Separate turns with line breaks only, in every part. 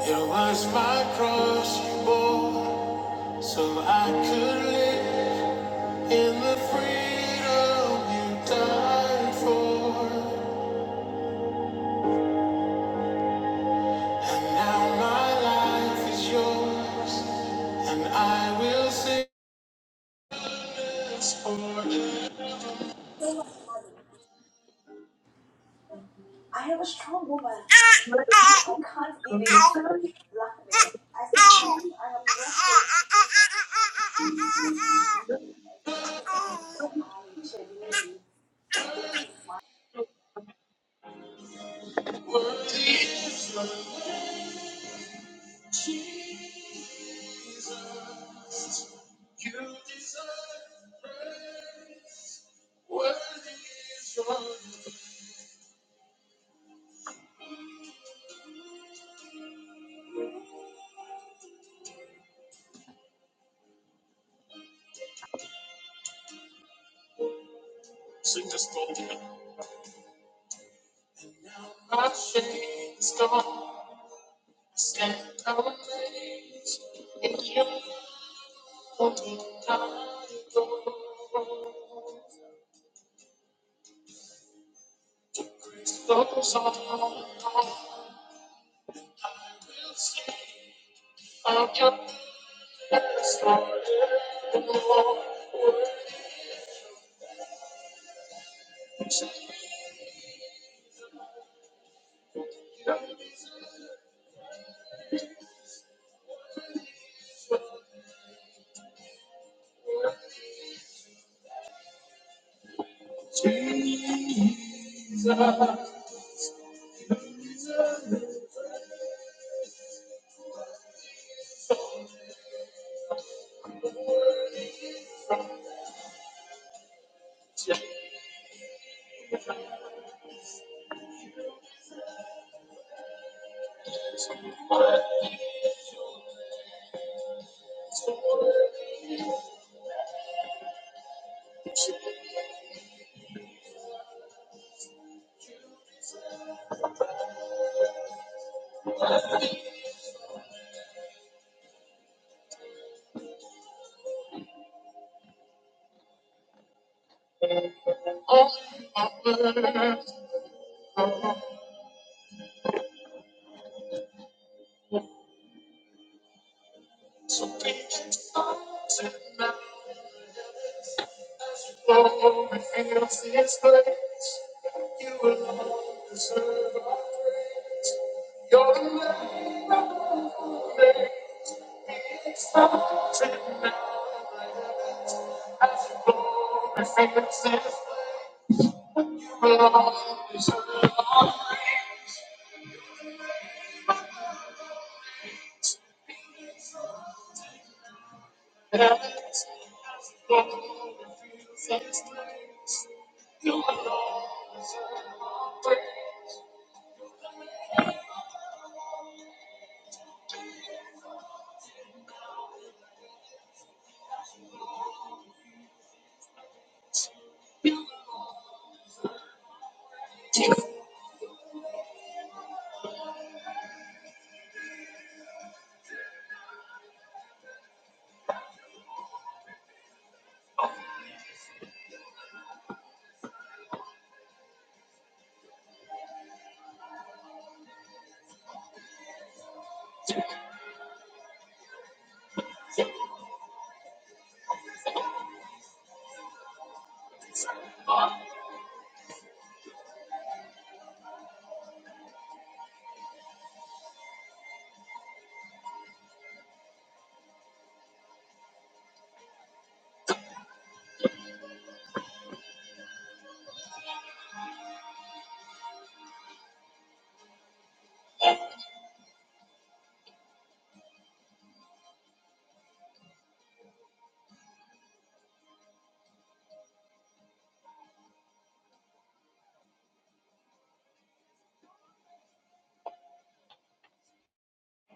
It was my cross you bore, so I could live in the freedom you died for. And now my life is yours, and I will sing.
I can't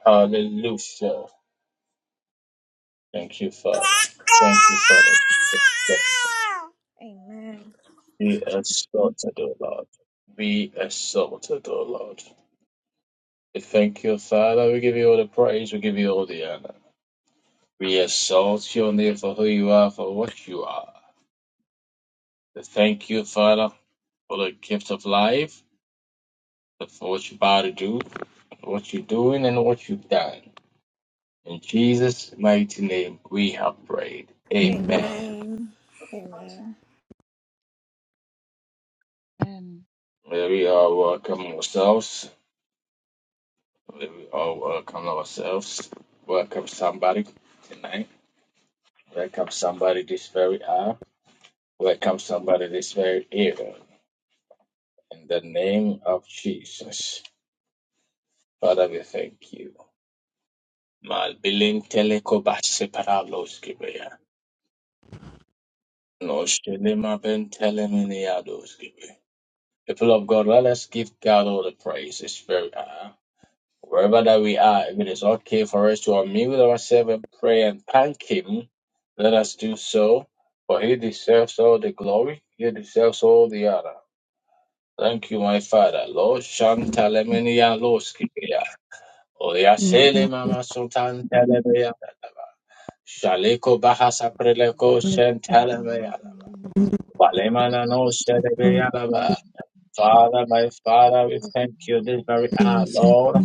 Hallelujah. Thank you,
I
Father. Thank you, Father.
genuinely
Be exalted, O Lord. Be exalted, O Lord. We thank you, Father. We give you all the praise. We give you all the honor. We exalt your name for who you are, for what you are. We thank you, Father, for the gift of life, for what you're about to do, for what you're doing, and what you've done. In Jesus' mighty name, we have prayed. Amen.
And and
May we all welcome ourselves. May we all welcome ourselves. Welcome somebody tonight. Welcome somebody this very hour. Welcome somebody this very era. In the name of Jesus. Father, we thank you. Mal biling teleko separalos gibeya. No shenima ben teleminiados gibe. People of God, let us give God all the praise. It's very uh, wherever that we are, if it is okay for us to unmute ourselves and pray and thank Him, let us do so. For He deserves all the glory. He deserves all the honor. Thank you, my Father. Lord Shantaleminialos gibeya.
Yeah, thank you
Oyasele mama sultan telebeya. Shaleko bahasa preleko
for your
Thank
shentelebe yalaba. Walemana no shedebe yalaba.
the
Father, my Father, we
midst
thank you this very
name
hour,
is your
Lord.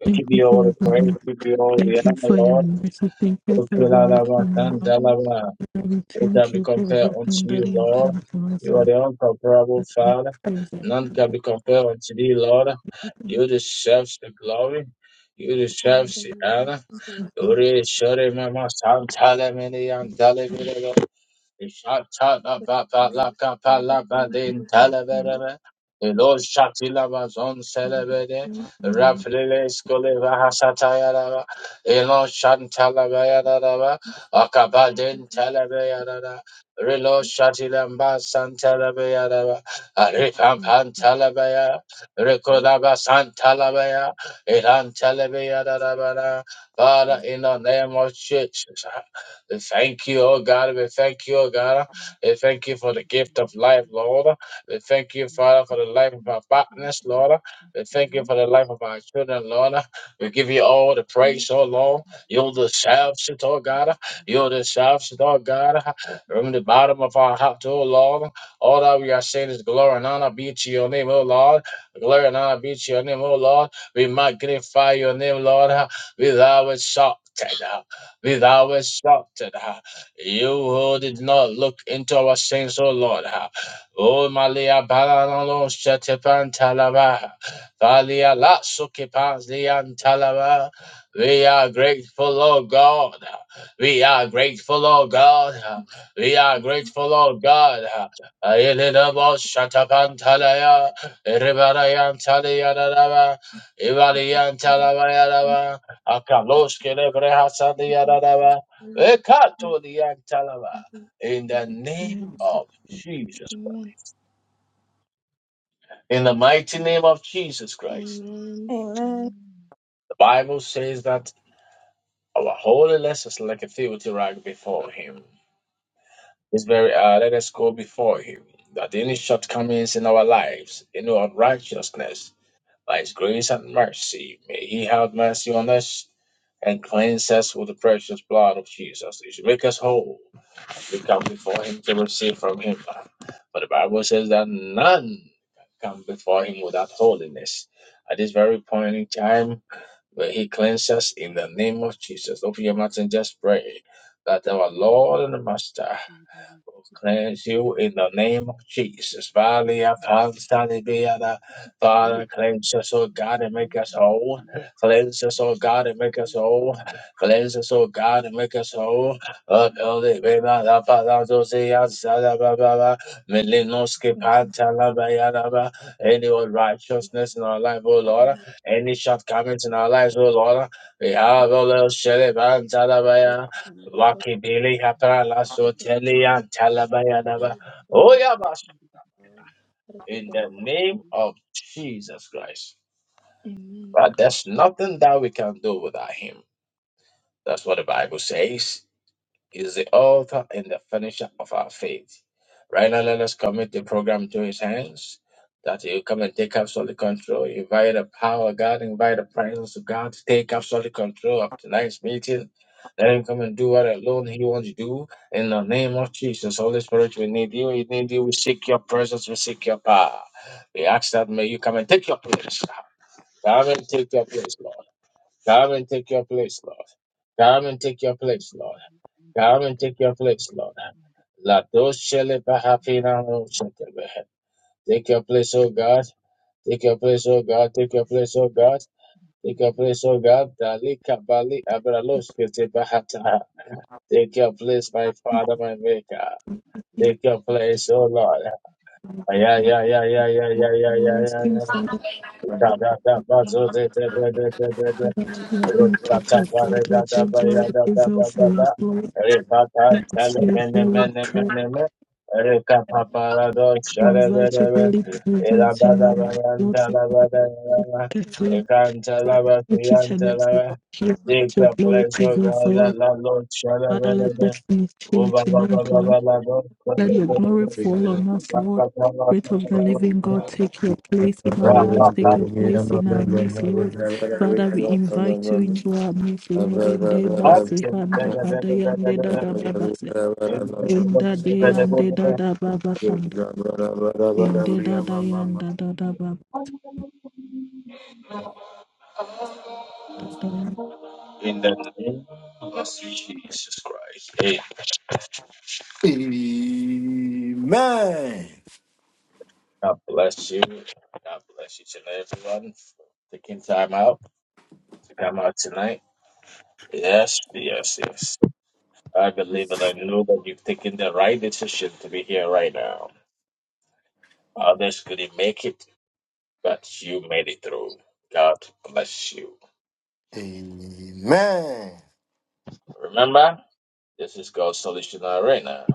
We give
Thank you
you
for
all
your
the praise,
goodness.
we give you all the
Thank you
honor,
for
of
your
Lord.
mercy. Thank you for
Ukulalaba
everlasting
the
love.
problems.
sandalaba.
Father, we
Who can
thank
be
you for
compared
And
unto
everything
thank
that
you,
you,
you have
Lord,
Lord?
done for us.
You are
Lord.
the incomparable
That We
Father.
praise your
None
for
can be
your
compared unto thee, Lord. You deserve the glory. You deserve
sons and
the
your
honor.
daughters and your sons
Ore shore mama sam tale mene yan tale bire
and your daughters and your
Ishatalapapalakapalabadin
children
faithful
who
talavereve. Elo shatilabazon celebede. Rafrileskolevahasatayarava. Elo shantalabayarava.
have children.
Akabadin
Thank you for
telebeyarava. Relo shatilambasan telebeyarava. Arifampan telebeyarava.
care
Rekolaba Santalabaya, Ilan Telebea Rabara, Father, in the name of Jesus. We thank you, oh God. We thank you, oh God. We thank you for the gift of life, Lord. We thank you, Father, for the life of our partners, Lord. We thank you for the life of our children, Lord. We give you all the
and your
praise, oh Lord. You deserve it, oh God. You deserve it, oh God. From the bottom of our heart, oh Lord. All that we are saying is glory and honor be to your name, oh Lord. Glory and honor be to your name, oh Lord. We magnify your name, Lord. with our it, shout with our shouted. uh, You who did not look into our sins, O Lord. uh, O Malia Balanalo Shetepan Talaba. Valia Latsukipans Lian Talaba. We are grateful, O God. uh, We are grateful, O God. uh, We are grateful, O God. Ayelabo Shatapan Talaya. Ribarayan Talayadaba. Ivalian Talabayadaba. Akaloske lebre hasadi
And thank you
yadadaba.
for your love. And
Ekato liyantalaba.
thank you for-
In the name
hands.
of
We
Jesus Christ.
everyone.
In the mighty name of Jesus Christ.
Amen.
The Bible says that our holiness is like a filthy rag before him. It's very uh, let us go before him. That any shortcomings in our lives, any unrighteousness, by his grace and mercy, may he have mercy on us and cleanse us with the precious blood of Jesus. He should make us whole to come before him to receive from him. For the Bible says that none come before him without holiness. At this very point in time, where he cleanses in the name of Jesus. Open your mouth and just pray that our Lord and Master Cleanse you in the name of Jesus. Valia Panstanibiana. Father, cleanse us, oh God, and make us whole. Cleanse us, oh God, and make us whole. Cleanse us, oh God, and make us whole. Uphill the Beba, La Palazozia, Salababa, Melinoski
God bless you.
Pantalabayana.
Bless
Any
you.
unrighteousness in our life, oh Lord.
Amen.
Any shortcomings in our lives, oh Lord. We
Yes,
have all those Sheleban
and this is- this is- and this was-
Lucky Billy Haprala
this was- this
Sotelian Talabayanaba.
was
Oh Yabas
Let us be
in the
born again.
name of Jesus Christ.
Amen.
But there's nothing that we can do without him. That's what the Bible says. is the author and the finisher of our faith. Right now, let us commit the program to his hands that he will come and take absolute control. Invite the power of God, invite the presence of God to take absolute control of tonight's meeting. Let him come and do what alone he wants to do. In the name of Jesus, Holy Spirit, we need you. We need you. We seek your presence. We seek your power. We ask that may you come and take your place. Come and take your place, Lord. Come and take your place, Lord. Come and take your place, Lord. Come and take your place, Lord. La doshele bahafina no shetebe. Take your place, O God. Take your place, O God. Take your place, O God. Take your place, O God. Dali kabali abralos kete bahata. Take your place, my Father, my Maker.
thank you
Take your place, O Lord. Yeah,
for
yeah, yeah, yeah, yeah, yeah, yeah,
everlasting
yeah,
Father.
yeah.
Father, that
Take your
you
place,
take your place. We change glory evil for your glory. And it's your holy prayer. We invite your holy presence in our life, Lord.
Faithful and
Father,
faithful.
Father, Thank each and every one
my
here. Let your glory
O
prevail
God,
for us.
that the Lord shall
Father, let
ever
destinies
Oh, ba
change
ba ba
tonight,
ba
Lord.
ba
Let your glory fall
Amen.
on us, Lord.
ba
Spirit of the living
Amen.
God,
ba.
take your place in our
Ra,
lives, take
ra,
your place in our midst, Lord. Father, we invite you into our midst, Lord. And they basi handa
ra,
hadaya
ra,
and dada
ra.
baba se.
In the
In da de and dada baba handa. In da da da and da da da baba. da da.
name of our Lord Jesus Christ. Hey, God bless you. God bless each and everyone for taking time out to come out tonight. Yes, yes, yes. I believe and I know that you've taken the right decision to be here right now. Others couldn't make it, but you made it through. God bless you. Remember, this is God's solution arena.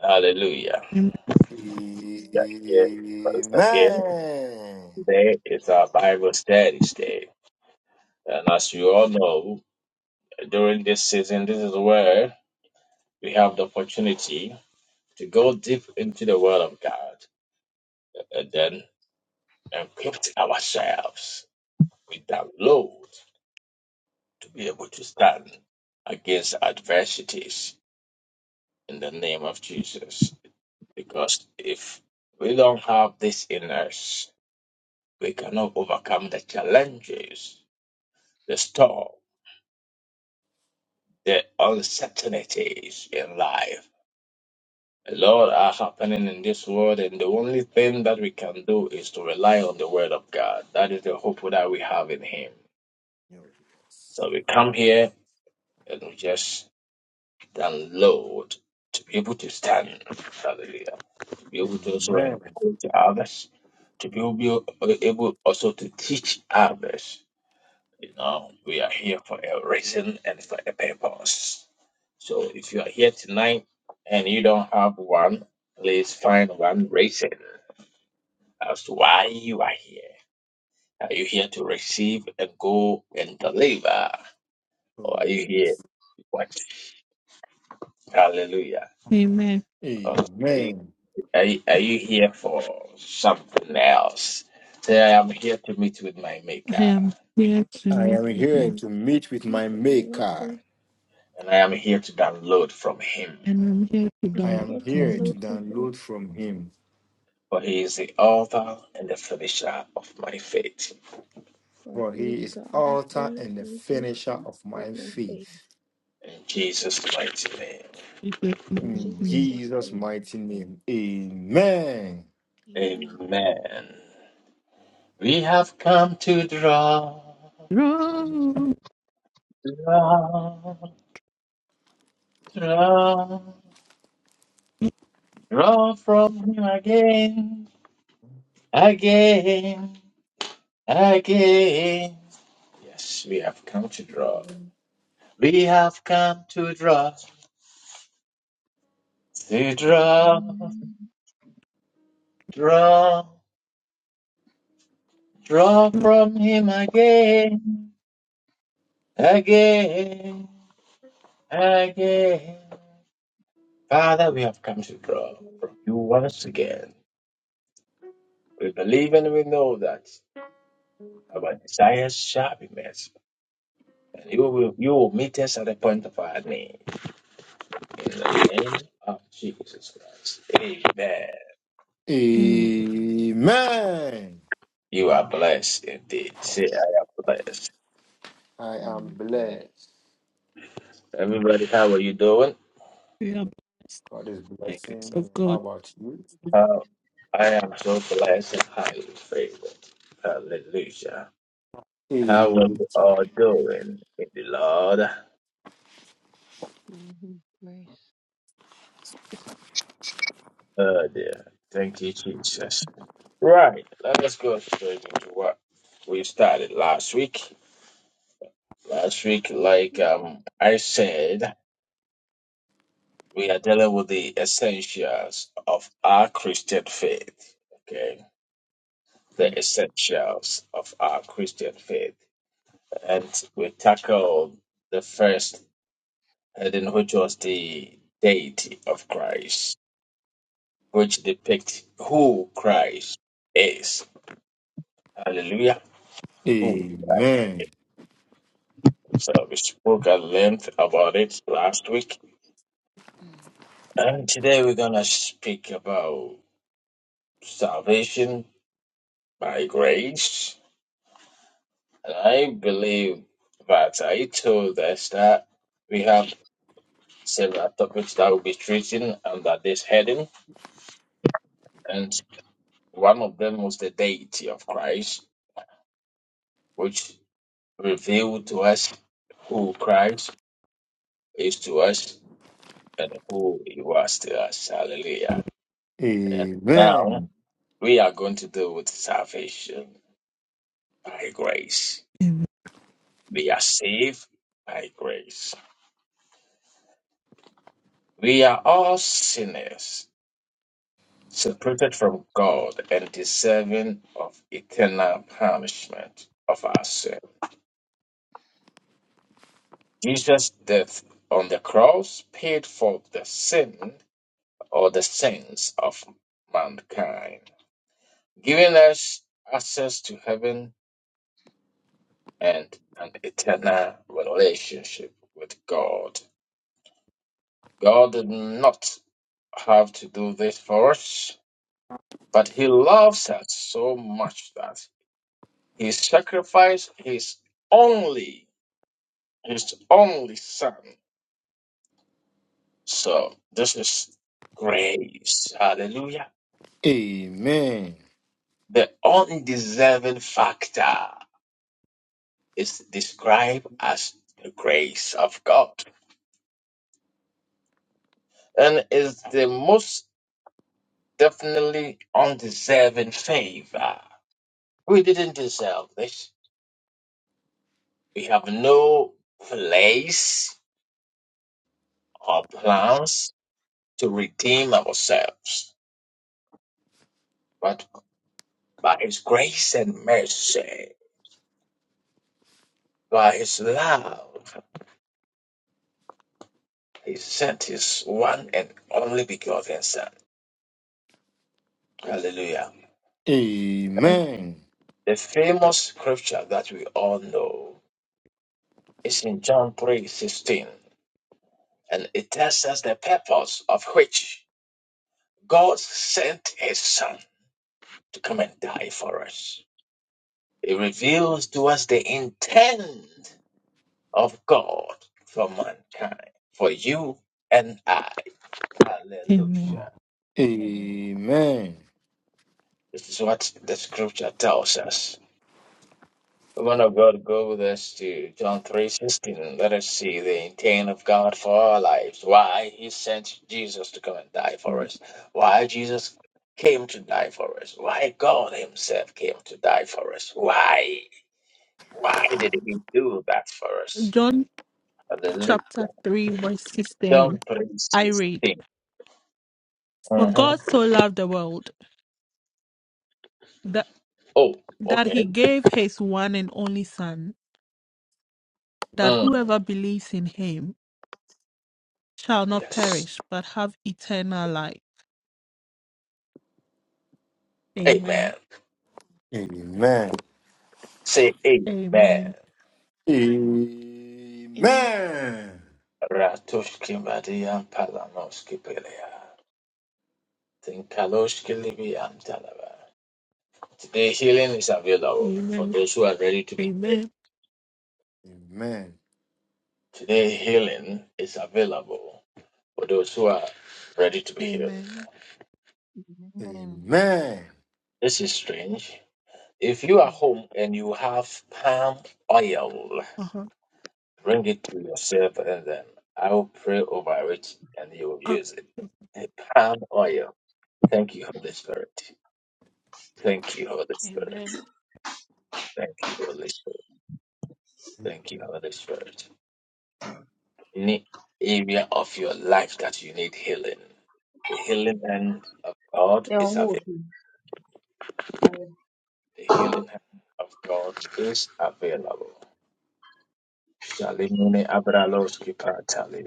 Hallelujah. Yeah, yeah. Once again. Today is our Bible Study Day. And as you all know, during this season, this is where we have the opportunity to go deep into the Word of God and then equip ourselves with that load to be able to stand against adversities in the name of Jesus. Because if we don't have this in us, we cannot overcome the challenges, the storm the uncertainties in life. A lot are happening in this world, and the only thing that we can do is to rely on the Word of God. That is the hope that we have in Him. So we come here and we just download to be able to stand. Hallelujah. To be
Amen.
able to also
Amen.
encourage others, to be able able also to teach others. You know, we are here for a reason and for a purpose. So if you are here tonight and you don't have one, please find one reason as to why you are here. Are you here to receive and go and deliver?
Oh,
Or are you here
yes.
to watch? Hallelujah.
Amen.
Or are, you,
Amen.
are, you, are you here for something else? Say, I am here to meet with my
I
Maker,
am here to
I
meet
am here
you.
to meet with my maker.
maker.
and I am here to download from Him,
And I'm here to
I
I
am
download
am
here to
from
here to
you.
download from him,
download from him,
for He is the author and the finisher of my faith.
for
for
he
he
is
is
the author
author and the
and
finisher
finisher
of
of
my
my faith.
faith.
In Jesus' mighty name.
Jesus, in the
In
name,
In
we pray.
Jesus'
Jesus'
mighty name,
mighty name, amen.
amen.
Amen. We have come to draw, draw, draw, draw from Him again, again, again. Yes, we have come to draw. We have come to draw, to draw, draw, draw from Him again, again, again. Father, we have come to draw from you once again. We believe and we know that our desires shall be met. And you will, you will meet us at the point of our need. In the name of Jesus Christ. Amen.
Amen.
Amen.
You are blessed indeed. Say, I am blessed.
I am blessed.
Everybody, how are you doing?
We are blessed
God is
by grace
blessing me.
of
How
God.
about you?
Uh, I am so blessed and highly favored. Hallelujah. How are
Amen.
you all doing in the Lord?
by his grace,
Oh dear. Thank you, Jesus. Right. Let us go straight into what we started last week. Last week, like um, I said, we are dealing with the essentials of our Christian faith. Okay. The essentials of our Christian faith. And we tackled the first heading, which was the deity of Christ, which depicts who Christ is. Hallelujah. Who? So we spoke at length about it last week.
amen.
And today we're going to speak about salvation by grace. And I believe that I told us that we have several topics that will be treating under this heading. And one of them was the deity of Christ, which revealed to us who Christ is to us and who he was to us. Hallelujah. And now
Amen.
We are going to deal with salvation by grace.
Amen.
We are saved by grace. We are all sinners, separated from God and deserving of eternal punishment of our sin. Jesus' death on the cross paid for the sin or the sins of mankind, giving us access to heaven and an eternal relationship with God. God did not have to do this for us, but He loves us so much that He sacrificed His only, His only Son. So this is grace. Hallelujah.
Amen. Amen.
The undeserving factor is described as the grace of God and is the most definitely undeserving favor. We didn't deserve this. We have no place or plans to redeem ourselves, but by His grace and mercy, by His love, He sent His one and only begotten Son. Hallelujah. And
Amen.
the famous scripture that we all know is in John three sixteen, and it tells us the purpose of which God sent His Son to come and die for us. It reveals to us the intent of God for mankind, for you and I.
Amen.
Hallelujah.
Amen.
This is what the scripture tells us. Woman of God, go with us to John three sixteen. Let us see the intent of God for our lives. Why He sent Jesus to come and die for us. Why Jesus came to die for us. Why God Himself came to die for us. Why? Why did He do that for us?
John
Hallelujah.
chapter 3, verse
John
16.
three
I read,
sixteen.
For
mm
God
Mm-hmm.
so loved the world that,
Oh,
that
okay.
he gave his one and only Son, that
Mm.
whoever believes in him shall not
Yes.
perish but have eternal life. Amen.
Amen.
Amen.
Say amen.
Amen.
Amen.
Amen.
Ratoshki Marian Palanoski Pelea. Tinkaloshki Libi Antalaba. Today healing is available for
Amen.
those who are ready to be healed.
Amen.
Amen. Amen.
Today healing is available for those who are ready to be healed.
Amen.
Amen.
This is strange. If you are home and you have palm oil,
Uh-huh.
bring it to yourself and then I will pray over it and you will use it.
Uh,
Palm oil. Thank you, Holy Spirit. Thank you, Holy Spirit.
Amen.
Thank you, Holy Spirit. Thank you, Holy Spirit. Any area of your life that you need healing, the healing hand of God
They don't
is available.
hold
The healing hand of God is available. Shalimini Abraloski Patali.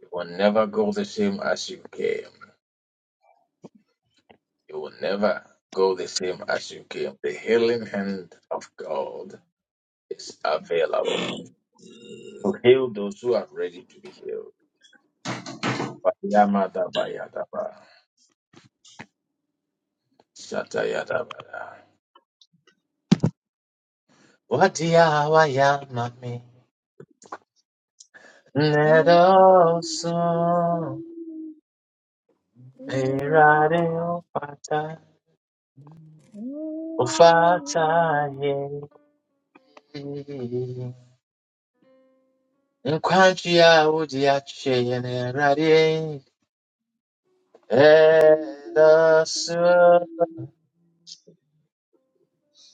You will never go the same as you came. You will never go the same as you came. The healing hand of God is available to heal those who are ready to be healed Yamadaba Shata What Wadia Waya Mami. Nedoso Erade Opata. Ofata Ye. Nkwantia Udia Cheyenne Radi. Edoso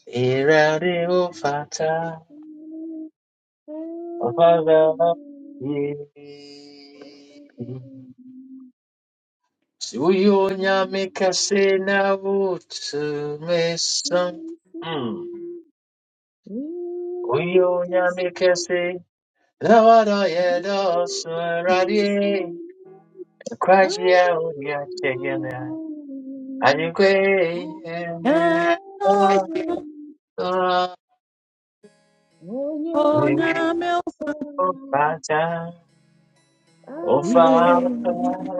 Erade Ofata. Ofata Ye. 主よ、にゃみかせなうつめさん。Mm.
Okay. Thank
我有你的心，那我的眼都是热烈，快接我的天啊！你归耶，我发展，我发展耶。Father,
And I
you.
feel for now melt away.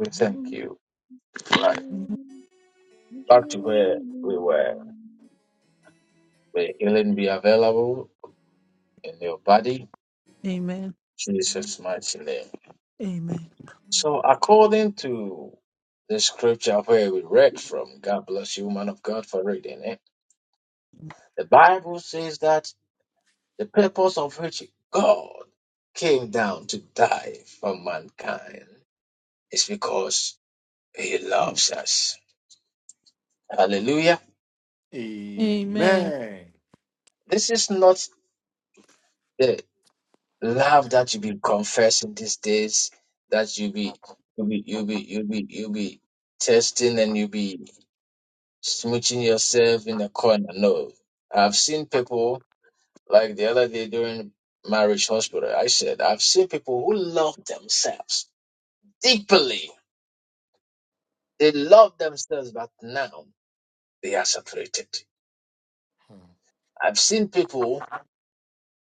we thank you. Right. Back to where we were. May healing be available in your body.
Amen.
Jesus' mighty name.
Amen.
So, according to the scripture where we read from, God bless you, man of God, for reading it, the Bible says that the purpose of which God came down to die for mankind is because he loves us. Hallelujah.
Amen.
Amen.
This is not the love that you be confessing these days, that you be you be you be you be you be testing and you be smooching yourself in the corner. No. I've seen people Like the other day during marriage hospital, I said, I've seen people who love themselves deeply. They love themselves, but now they are separated. I've seen people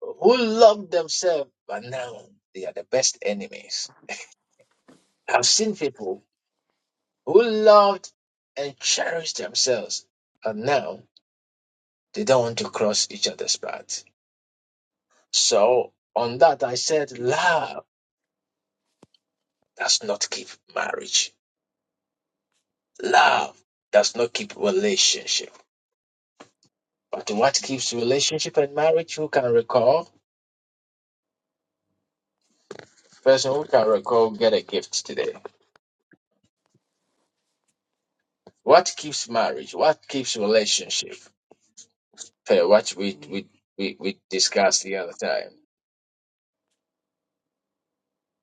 who love themselves, but now they are the best enemies. I've seen people who loved and cherished themselves, but now they don't want to cross each other's path. So on that, I said, love does not keep marriage Love does not keep relationship. But what keeps relationship and marriage? Who can recall? Person who can recall get a gift today. What keeps marriage? What keeps relationship? Okay, what we we we, we discussed the other time.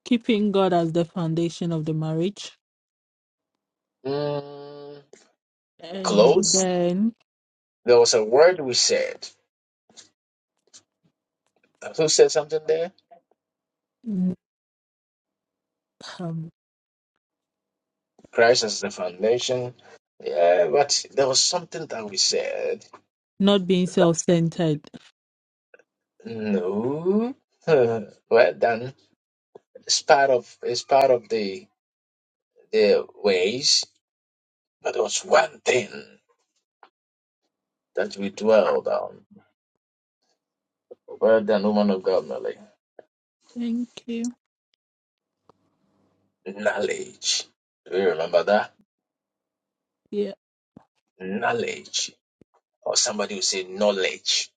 Keeping God as the foundation of the marriage
Mm,
and
close.
then
There was a word we said. Who said something there?
um,
Christ as the foundation. Yeah, but there was something that we said.
not being self centered.
No. well done. It's part of it's part of the their ways, but there was one thing that we dwelled on. Well done, woman of God, Nelly.
Thank you.
Knowledge. Do you remember that?
Yeah.
Knowledge. Or somebody will say knowledge.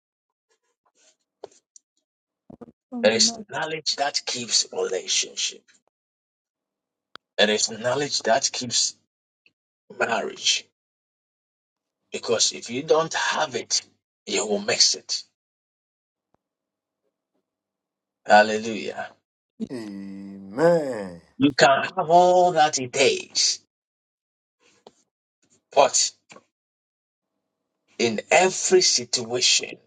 I'm
There
on
is knowledge that keeps relationship. There is knowledge that keeps marriage. Because if you don't have it, you will miss it. Hallelujah.
Amen.
You can have all that it takes, but in every situation.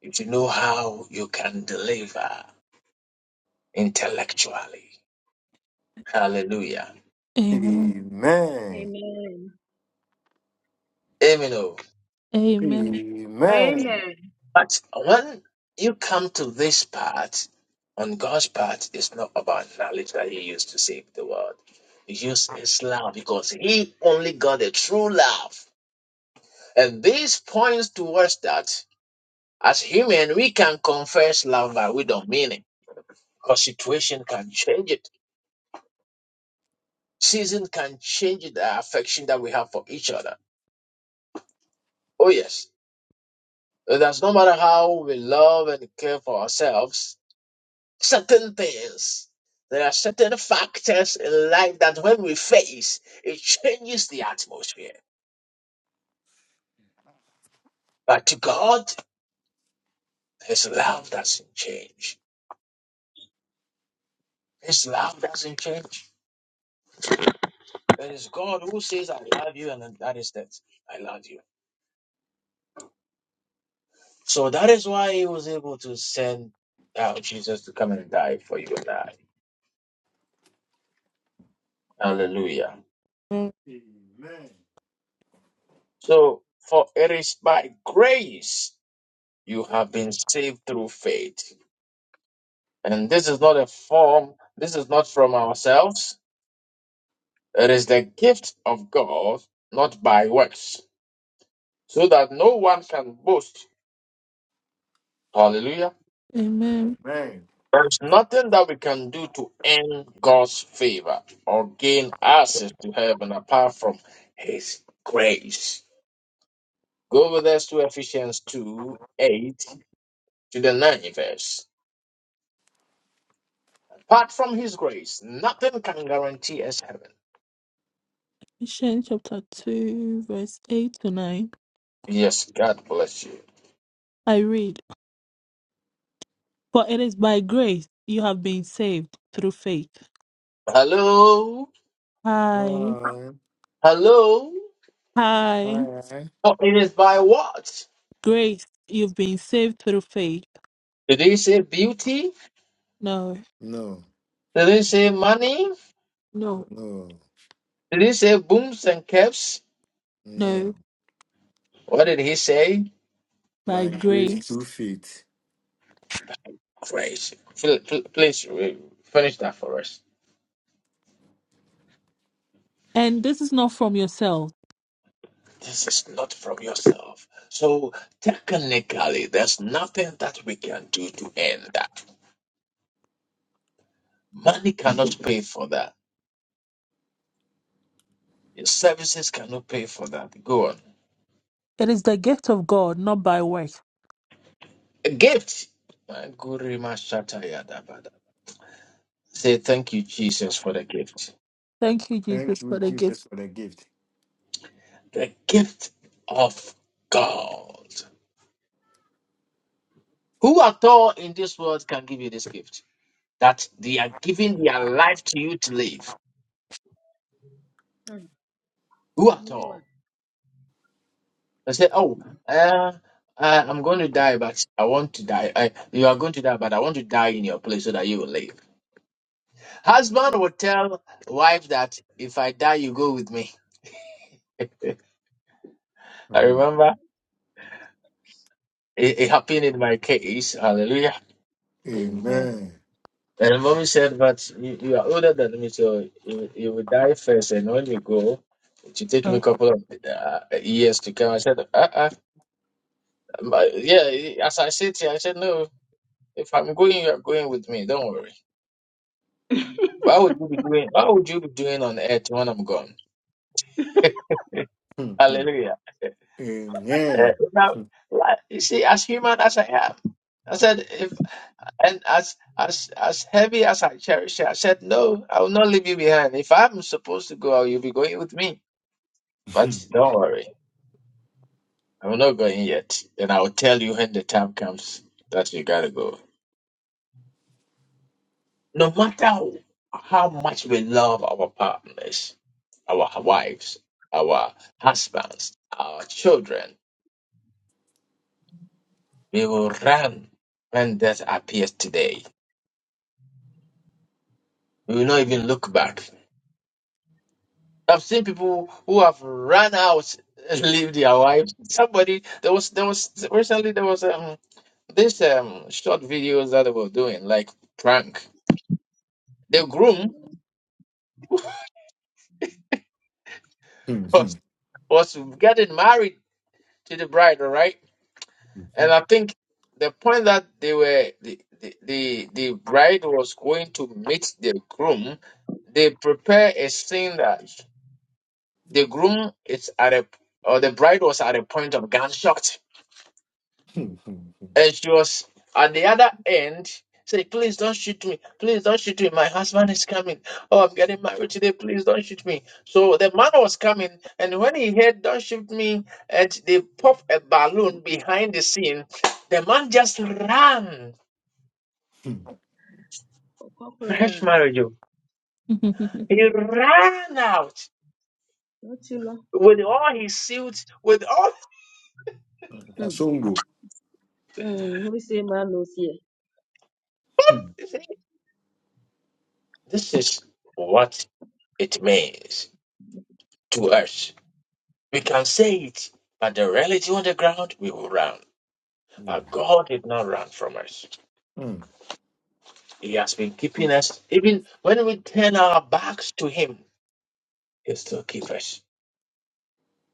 If you know how you can deliver intellectually. Hallelujah.
Amen.
Amen.
Amen. oh.
Amen.
Amen.
Amen.
But when you come to this part, on God's part, it's not about knowledge that He used to save the world. He used His love because He only got a true love. And this points towards that. As human, we can confess love, but we don't mean it. Because situation can change it. Season can change the affection that we have for each other. Oh, yes. That's no matter how we love and care for ourselves, certain things, there are certain factors in life that when we face, it changes the atmosphere. But to God, His love doesn't change. His love doesn't change. It is God who says, I love you, and that is that. I love you. So that is why He was able to send out Jesus to come and die for you and I. Hallelujah.
Amen.
So, for it is by grace You have been saved through faith. And this is not a form, this is not from ourselves. It is the gift of God, not by works, so that no one can boast. Hallelujah.
Amen.
Amen.
There's nothing that we can do to earn God's favor or gain access to heaven apart from His grace. Go with us to Ephesians 2 8 to the ninth verse. Apart from His grace, nothing can guarantee us heaven.
Ephesians chapter 2, verse 8 to 9.
Yes, God bless you.
I read, For it is by grace you have been saved through faith.
Hello,
Alright.
hello.
Hi,
Alright.
For it is by what?
grace, you've been saved through faith.
Did he say beauty?
No,
No.
Did he say money?
no,
No.
Did he say booms and caps?
No.
no,
What did he say?
by
By grace
grace.
through faith.
Grace, pl- pl- please re- finish that for us.
And this is not from yourself.
This is not from yourself. So technically, there's nothing that we can do to end that. Money cannot pay for that. Your services cannot pay for that. Go on.
It is the gift of God, not by works.
A gift. My guru, my shatter, yada, bada. Say thank you, Jesus, for the gift.
Thank you,
Thank
Jesus,
you,
for the gift.
Jesus, for the gift.
The gift of God. Who at all in this world can give you this gift? That they are giving their life to you to live.
Hmm.
Who
No
at
one.
all? They say, oh, uh, uh, I'm going to die, but I want to die. I, you are going to die, but I want to die in your place so that you will live.
Hmm.
Husband will tell wife that if I die, you go with me. I
Mhm.
remember it, it happened in my case. Hallelujah.
Amen.
Amen.
And the mommy said, But you, you are older than me, so you, you will die first. And when you go, it will take me a
Oh.
couple of uh, years to come. I said, Uh uh But Yeah, as I sit here, I said, No, if I'm going, you are going with me. Don't worry. Why would you be doing? Why would you be doing on earth when I'm gone?
Mhm.
Hallelujah. Uh,
Amen.
now, like, you see, as human as I am, I said, if and as as as heavy as I cherish you, I said, no, I will not leave you behind. If I'm supposed to go, you'll be going with me. But don't worry, I'm not going yet. And I'll tell you when the time comes that you gotta go. No matter how much we love our partners, our wives, our husbands, our children, we will run when death appears today. We will not
Hmm.
even look back. I've seen people who have run out and leave their wives. Somebody there was there was recently there was um this um short videos that they were doing like prank. The groom
Hmm.
was
Mhm.
was getting married to the bride, all right?
Mhm.
And I think the point that they were the the, the, the bride was going to meet the groom, they prepare a scene that the groom is at a or the bride was at a point of gunshot
Hmm, hmm, hmm,
And she was at the other end saying, Please don't shoot me. Please don't shoot me. My husband is coming. Oh, I'm getting married today. Please don't shoot me. So the man was coming, and when he heard, Don't shoot me, and they popped a balloon behind the scene, the man just ran.
hmm.
Oh, Corporal,
Fresh marriage. oh. He ran out
not too long.
with all his suits, with all.
Hmm.
Kasongo.
Hmm. Who say man knows here?
Mm.
You see, This is what it means to us. We can say it, but the reality on the ground, we will run. Our God did not run from us. He has been keeping us. Even when we turn our backs to Him, He still keeps us.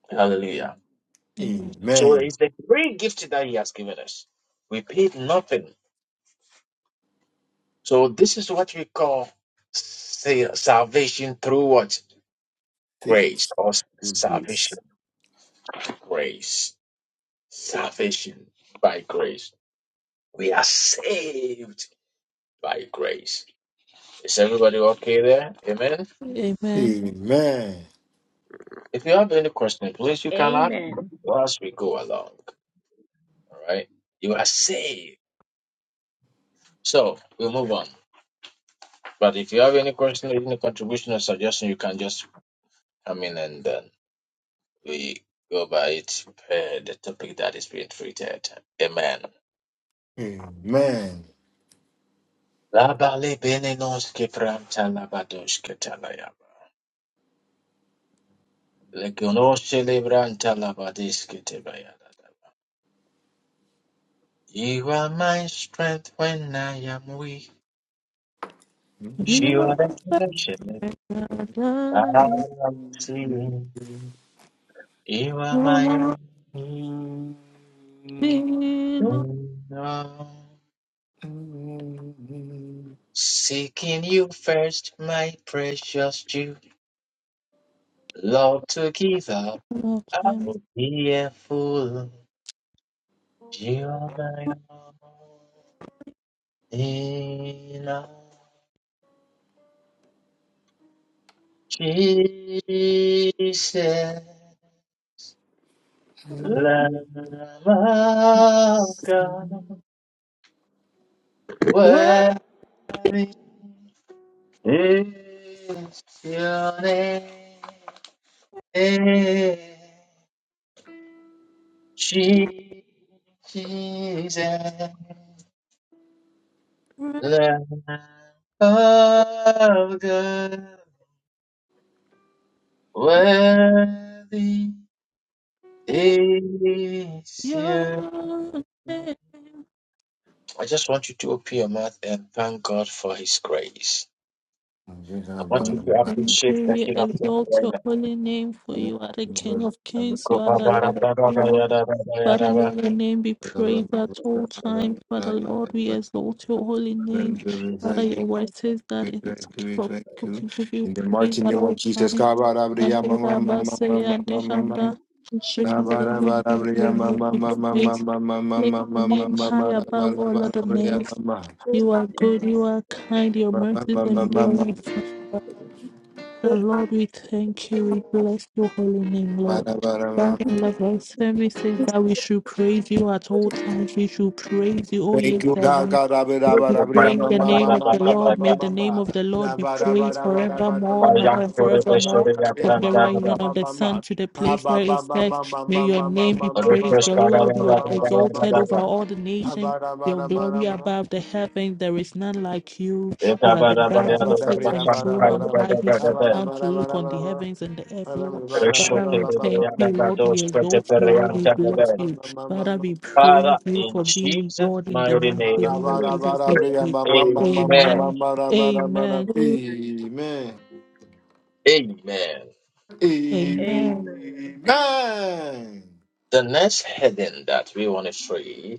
Hallelujah.
Amen.
So
Amen.
it's the great gift that He has given us. We paid nothing. So this is what we call sa- salvation through what? Grace
Faith.
or s-
with
salvation.
Grace.
Grace. Salvation by grace. We are saved by grace. Is everybody okay there? Amen.
Amen.
Amen.
If you have any question, please you can ask
Amen.
whilst we go along. All right. You are safe. So we move on. But if you have any question, any contribution or suggestion, you can just come in and then we go by it per the topic that is being treated. Amen.
Amen.
Labale benenos ke labados ke Legonos celebranta labadis ke You are my strength when I am weak. You are
You
the
are
treasure
the God
I'm you are
of
my
all
Mm.
things.
own. Seeking you first, my precious Jew. Lord, to give up,
all
I
time.
would be a fool. You are my own,
Lord,
Jesus, Lamb of God, worthy
in
is you.
your name.
I just want you to open your mouth and thank God for His grace.
Thank you,
I
thank
want you
We
to
you,
Thank
appreciate
you.
the
We
King of Kings
exalt
right
your
now.
holy name, for you are the
You
King of kings, you are the Lord of lords. Father, may your name be praised at all
So
times. Father,
when
Lord, we exalt your holy
one would
name.
have just
Father,
so
your
hard
word
to
says that it
thank
is
you,
for
thank
people
find a
you.
to give you
In the
praise
mighty
at
name
all
of Jesus,
times. And they that but say and they
used
and
to
that,
can
which
choose
Bara
is the living
bara
things
bria
will make
mama
you
mama mama
praise.
mama
Lift
mama
your
mama
name high
bara
above
bara
all
bara
other
bria
names.
mama
You
to
are good, you are kind, your mercies
mama mama
endure
mama
forever. The Lord, we thank you. We bless your holy name, Lord.
bara bara mama.
Father, love us. Every says that we should praise you at all times. We should praise you, O
Thank
ye
you, God.
servants.
God,
We praise the name of the Lord. May the name of the Lord be praised forevermore, now and forevermore, from the rising of the sun to the place where it sets. May your name be praised. The Lord, you are exalted over all the nations. Your glory above the heavens. There is none like you. You are the God who sits on the throne on high. He sits down to look on the
Abba,
heavens and the earth, Lord.
Amen. Amen.
Father, we thank you, Lord. We exalt you, Lord. We bless you. Father, we
Father,
praise you
in
for being
Jesus'
God in the
mighty
mighty
name,
name of
we
Jesus. We pray.
pray. Amen.
Amen. Amen.
Amen. in
Amen.
and
Amen.
Amen.
The next heading that we want to see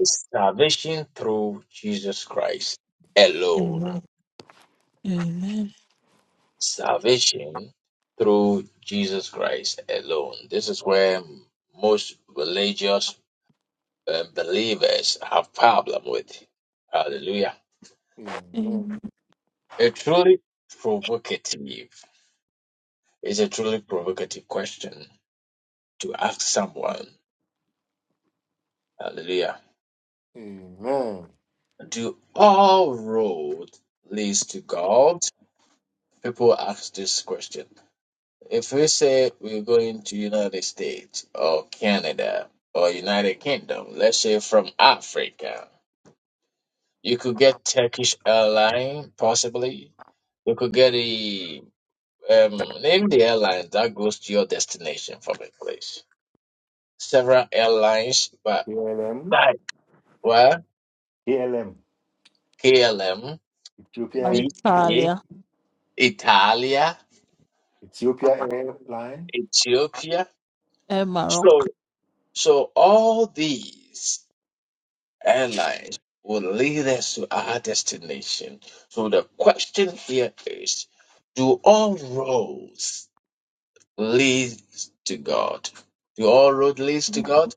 is salvation through Jesus Christ alone.
Amen. Amen.
Salvation through Jesus Christ alone. This is where most religious uh, believers have problem with. Hallelujah.
Amen.
A truly provocative. It's a truly provocative question to ask someone. Hallelujah.
Amen. Amen.
Do all roads leads to God? people ask this question. If we say we're going to United States or Canada or United Kingdom, let's say from Africa, you could get Turkish airline possibly. You could get a um, name the airline that goes to your destination from a place. Several airlines, but
KLM.
that were KLM,
Ethiopia.
BA,
Alitalia.
Italia,
Ethiopia Airline.
Ethiopia.
Emaro.
So so all these. airlines will lead us to our destination. So the question here is, do all roads lead to God? Do all roads lead to God?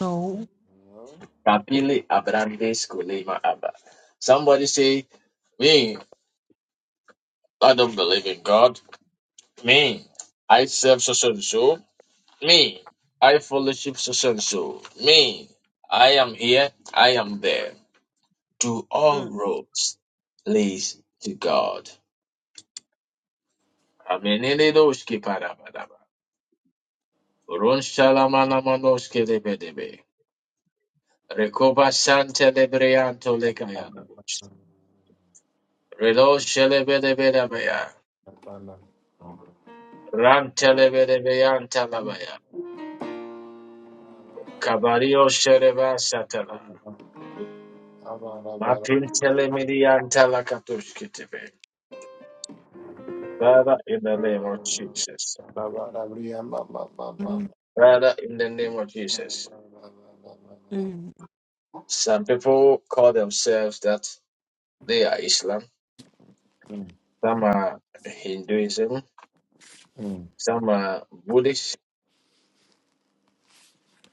No.
No.
Kapili Abrandes Kulima Abba. Somebody say, me, I don't believe in God. Me, I serve so and so. Me, I fellowship so and so. Me, I am here, I am there. Do all
Mm,
roads lead to God? Amenele doshki parabadaba. Ron shalamana manoshke debe debe. Rekoba sante lebreanto lekayana. Relo shelebe debe debeya.
Amen. Amen.
Ran telebe debeyanta labaya. Kabario shereba satana. Matin telemedianta lakatushki tebe. Father, in the name of Jesus.
Amen.
Mm,
Amen.
Father, in the name of Jesus.
mm,
Some people call themselves that they are Islam.
Mm,
Some are Hinduism
mm,
Some uh, Buddhist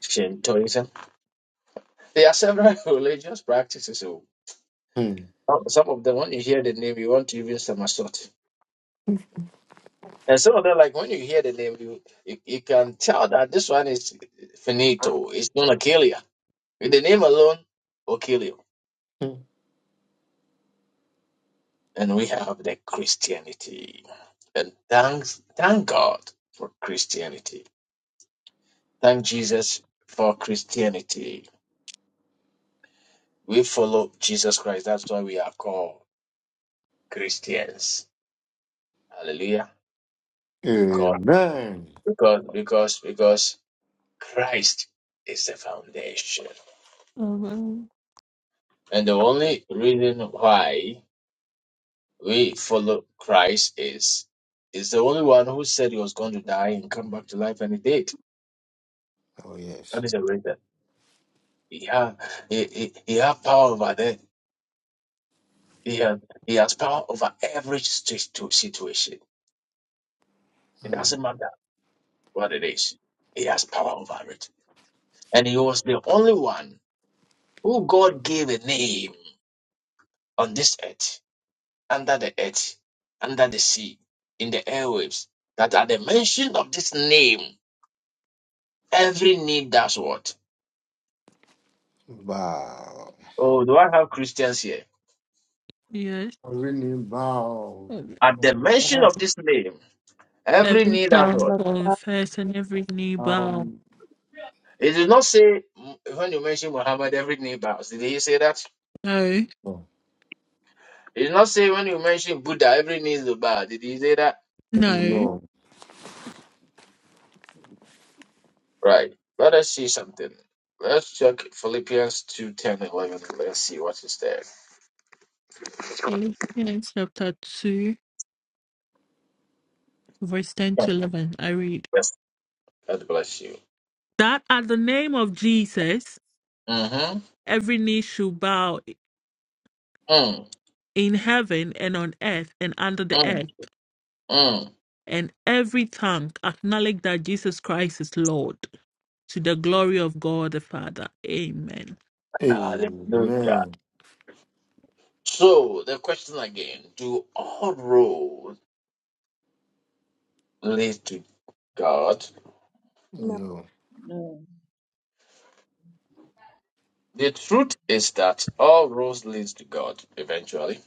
Shintoism. There are several religious practices. oh.
mm,
Some of them, when you hear the name, you want to even somersault. And some of them, like when you hear the name, you you, you can tell that this one is finito. It's gonna kill you. With the name alone will kill you.
mm.
And we have the Christianity. And thanks, thank God for Christianity. Thank Jesus for Christianity. We follow Jesus Christ. That's why we are called Christians. Hallelujah. because
Amen.
because because because Christ is the foundation,
mm,
and the only reason why we follow Christ is is the only one who said he was going to die and come back to life, and he did.
Oh, yes.
That is the reason. He had he, he, he had power over that. He has he has power over every situ- situation. It
Mm.
doesn't matter what it is. He has power over it, and he was the only one who God gave a name on this earth under the earth, under the sea, in the airwaves, that at the mention of this name, every knee does what?
Bow.
Oh, do I have Christians here?
Mm.
Really bow.
At the mention
Yes.
of this name, every
every
knee does
tongue
what?
my
confess and every knee bow.
Um,
It did not say mm, when you mention Muhammad, every knee bows. Did he say that?
No,
no.
It did not say when you mention Buddha, every knee will bow. Did he say that?
no.
no.
Right. Let us see something. Let's check Philippians two ten, eleven. Let's see what is there.
Philippians chapter 2, verse 10
God
to 11. I read
bless God bless you.
that at the name of Jesus,
Mm-hmm.
every knee should bow
Mm.
in heaven and on earth and under the
Mm.
earth,
Mm.
and every tongue acknowledge that Jesus Christ is Lord. to the glory of God the Father. Amen.
Hallelujah.
Amen.
So the question again, do all roads lead to God?
female
No.
mm,
The truth is that all roads lead to God eventually.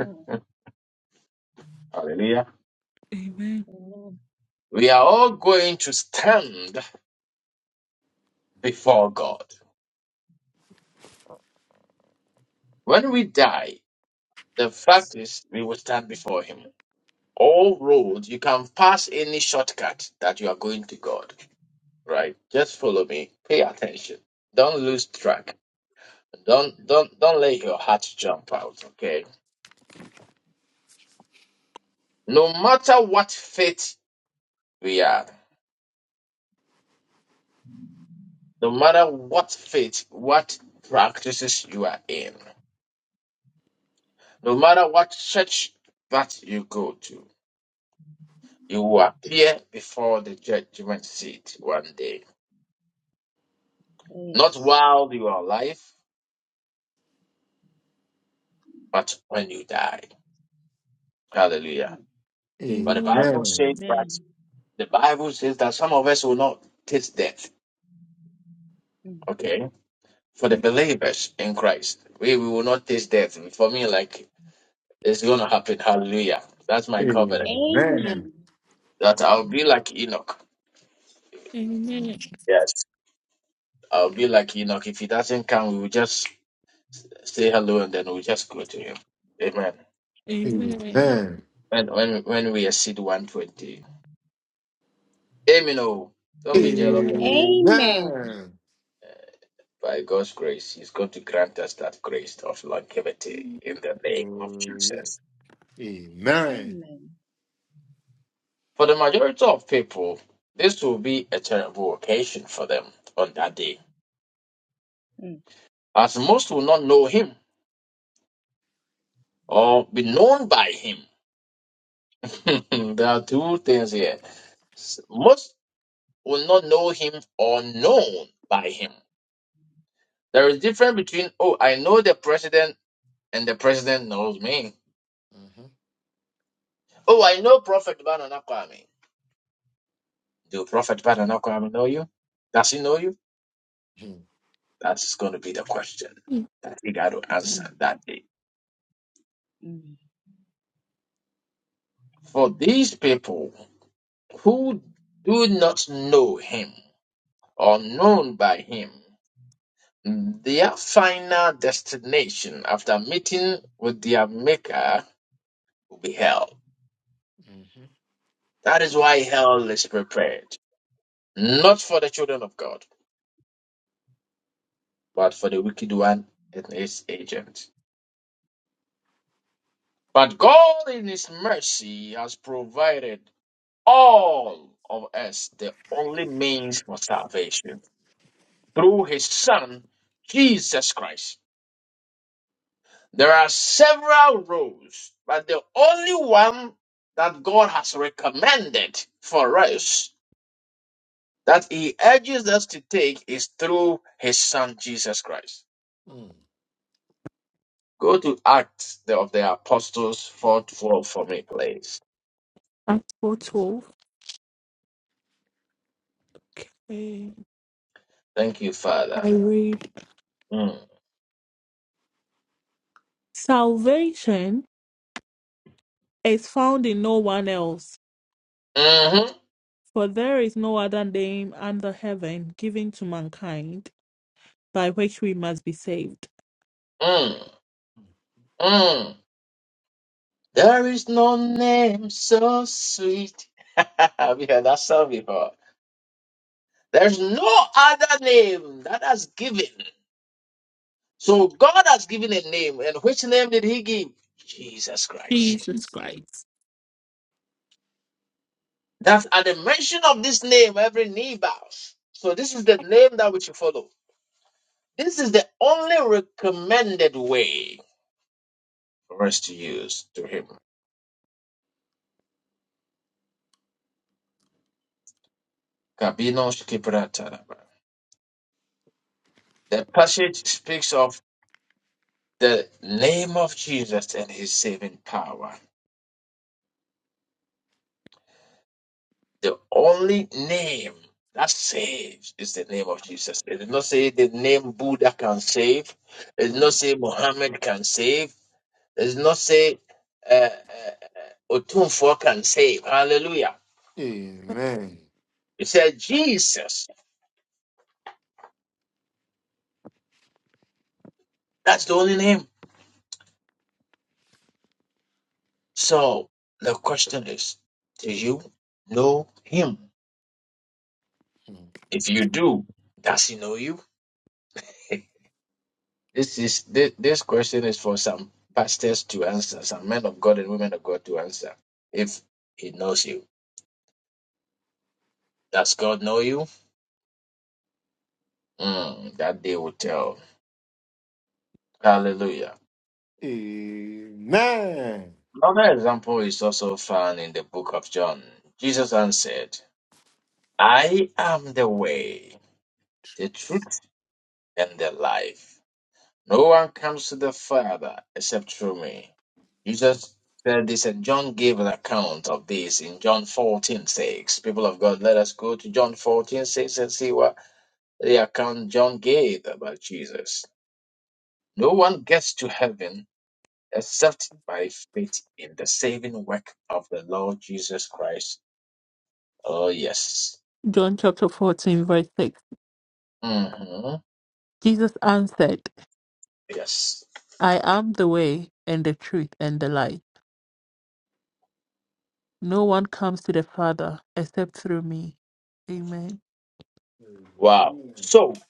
mm.
Hallelujah.
Amen.
Amen.
We are all going to stand before God. When we die, the fact is we will stand before him. All roads, you can pass any shortcut that you are going to God. Right? Just follow me. Pay attention. Don't lose track. Don't don't don't let your heart jump out, okay? No matter what faith we are, no matter what faith, what practices you are in, no matter what church that you go to, you will appear before the judgment seat one day. Not
Yes.
while you are alive, but when you die. Hallelujah.
Mm,
But the
Amen.
Bible
Amen.
says that
Amen.
the Bible says that some of us will not taste death.
Mm.
Okay. for the believers in Christ. We, we will not taste death. For me, like it's gonna happen. Hallelujah. That's my
Amen.
covenant.
Amen.
Amen.
That I'll be like Enoch.
Amen.
Yes. I'll be like Enoch. If he doesn't come, we will just say hello and then we'll just go to him. Amen.
Amen.
Amen.
When when when we exceed one twenty. Amen. Oh, don't be jealous of God.
Amen.
Amen.
Amen.
By God's grace, He's going to grant us that grace of longevity in the name of
Oh, yes.
Jesus.
Amen.
Amen.
For the majority of people, this will be a terrible occasion for them on that day,
Mm,
as most will not know him or be known by him. there are two things here. S- Most will not know him or known by him. There is difference between, oh, I know the president and the president knows me.
hmm
Oh, I know Prophet Banana Kwame. Do Prophet Banana Kwame know you? Does he know you? That's going to be the question that he got to
mm,
answer that day. For these people, who do not know him or known by him, their final destination after meeting with their maker will be hell.
Mm-hmm.
That is why hell is prepared, not for the children of God, but for the wicked one and his agent. But God in his mercy has provided all of us the only means for salvation through his son, Jesus Christ. There are several roads, but the only one that God has recommended for us that He urges us to take is through His Son Jesus Christ.
Mm.
Go to Acts of the Apostles 4 4 for me, please.
Acts 4:12. Okay.
Thank you, Father.
I read
Mm.
Salvation is found in no one else,
hmm
for there is no other name under heaven given to mankind by which we must be saved.
Mm. Mm. There is no name so sweet. Have you heard that song before? There's no other name that has given So God has given a name, and which name did He give? Jesus Christ.
Jesus
It's-
Christ.
That at the mention of this name, every knee bows. So this is the name that we should follow. This is the only recommended way for us to use to Him. Kabinos kipratanaba. The passage speaks of the name of Jesus and His saving power. The only name that saves is the name of Jesus. It did not say the name Buddha can save. It did
mm.
not say Muhammad can save. It did not say uh, uh, uh, Otunfo can save. Hallelujah.
Amen.
It said Jesus. That's the only name. So the question is, do you know him? If you do, does he know you? This is this, this question is for some pastors to answer, some men of God and women of God to answer. If He knows you, does God know you? Mm, that they will tell. Hallelujah.
Amen.
Another example is also found in the book of John. Jesus answered, "I am the way, the truth, and the life. No one comes to the Father except through me. Jesus said this, and John gave an account of this in John fourteen six. People of God, let us go to John fourteen six and see what the account John gave about Jesus. No one gets to heaven except by faith in the saving work of the Lord Jesus Christ. Oh, yes.
John chapter 14, verse 6.
hmm
Jesus answered,
Yes.
I am the way and the truth and the life. No one comes to the Father except through me. Amen.
Wow.
Mm.
So,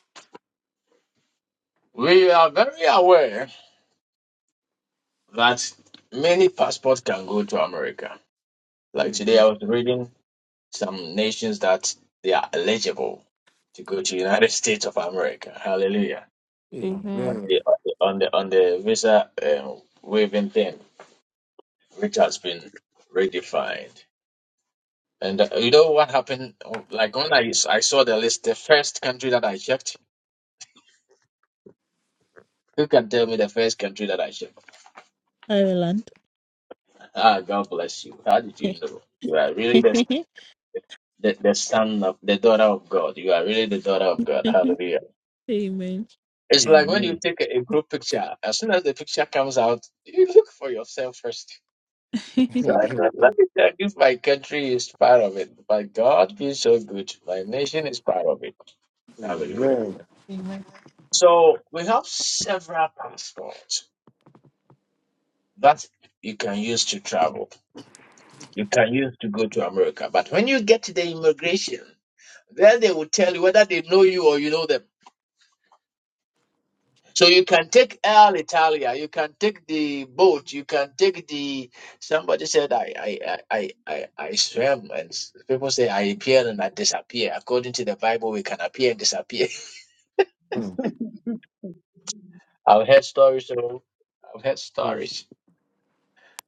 we are very aware that many passports can go to America Like
Amen.
today, I was reading some nations that they are eligible to go to United States of America. Hallelujah! On
Amen.
the
Amen.
on the, on the visa um, waiving thing, which has been redefined. And uh, you know what happened? Oh, Like when I, I saw the list, the first country that I checked. Who can tell me the first country that I checked?
Ireland.
Ah, God bless you. How did you know? You are really the the, the son of the daughter of God. You are really the daughter of God. Hallelujah.
Amen.
It's like when you take a, a group picture, as soon as the picture comes out, you look for yourself first. So I
Amen.
thought, let me tell you, my country is part of it. My God is so good. My nation is part of it. Hallelujah.
Amen.
So we have several passports that you can use to travel. You can use to go to America. But when you get to the immigration, then they will tell you whether they know you or you know them. So you can take Air Italia, you can take the boat, you can take the. Somebody said I I I I I I swam, and s- people say I appear and I disappear. According to the Bible, we can appear and disappear.
mm,
Mm,
I've heard stories. Oh, I've heard
mm,
stories.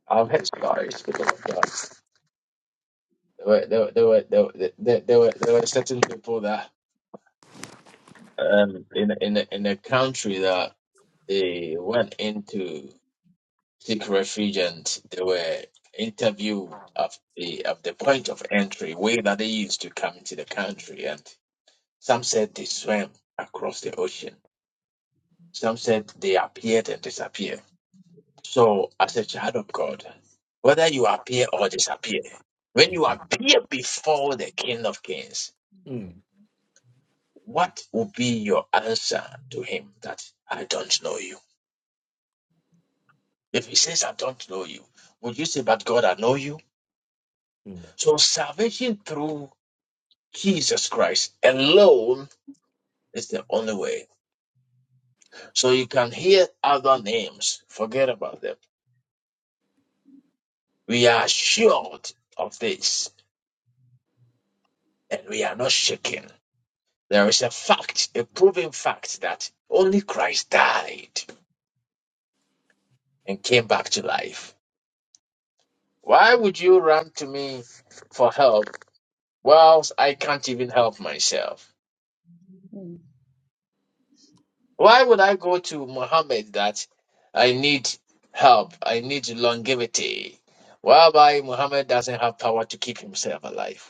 I've heard stories. People of God. There were there were there were there, were- there, there were there were certain people that um in a- in a, in a country that they went into. secret agents they were interviewed at the at the point of entry way that they used to come into the country and some said they swam across the ocean some said they appeared and disappeared so as a child of god whether you appear or disappear when you appear before the king of kings
mm,
what will be your answer to him that i don't know you if he says i don't know you would you say but god i know you
mm,
so salvation through Jesus Christ alone is the only way. So you can hear other names, forget about them. We are assured of this and we are not shaken. There is a fact, a proven fact that only Christ died and came back to life. Why would you run to me for help whilst I can't even help myself?
mm,
Why would I go to Muhammad that I need help, I need longevity, whereby Muhammad doesn't have power to keep himself alive?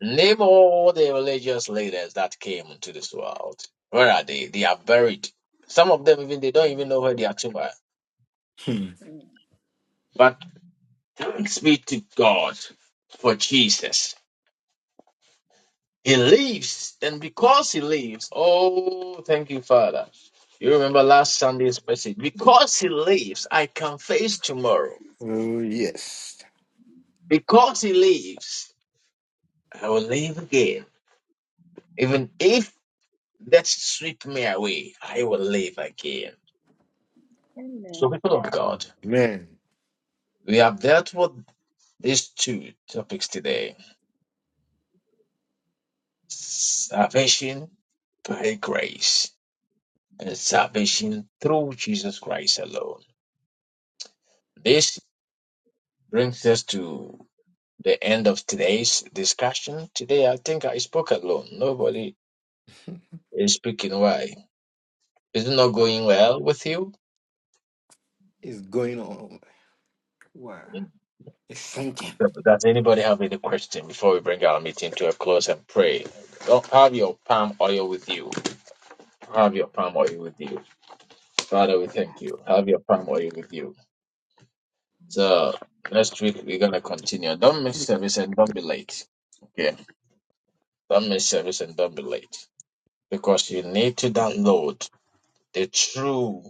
Name all the religious leaders that came into this world. Where are they? They are buried. Some of them even they don't even know where their tomb are.
mm.
But thanks be to God for Jesus. He lives, and because he lives, oh, thank you, Father. You remember last
mm.
Sunday's message. Because he lives, I can face tomorrow.
Oh yes.
Because he lives, I will live again. Even if that sweep me away, I will live again. So,
Amen.
people of God,
Man.
we have dealt with these two topics today salvation by grace and salvation through Jesus Christ alone. This brings us to the end of today's discussion. Today, I think I spoke alone. Nobody is speaking. Why? Is it not going well with you?
It's going on. Wow. It's sinking.
So, Does anybody have any question before we bring our meeting to a close and pray? Don't have your palm oil with you. Have your palm oil with you. Father, we thank you. Have your palm oil with you. So next week we're gonna continue. Don't miss service and don't be late. Okay. Don't miss service and don't be late. Because you need to download the true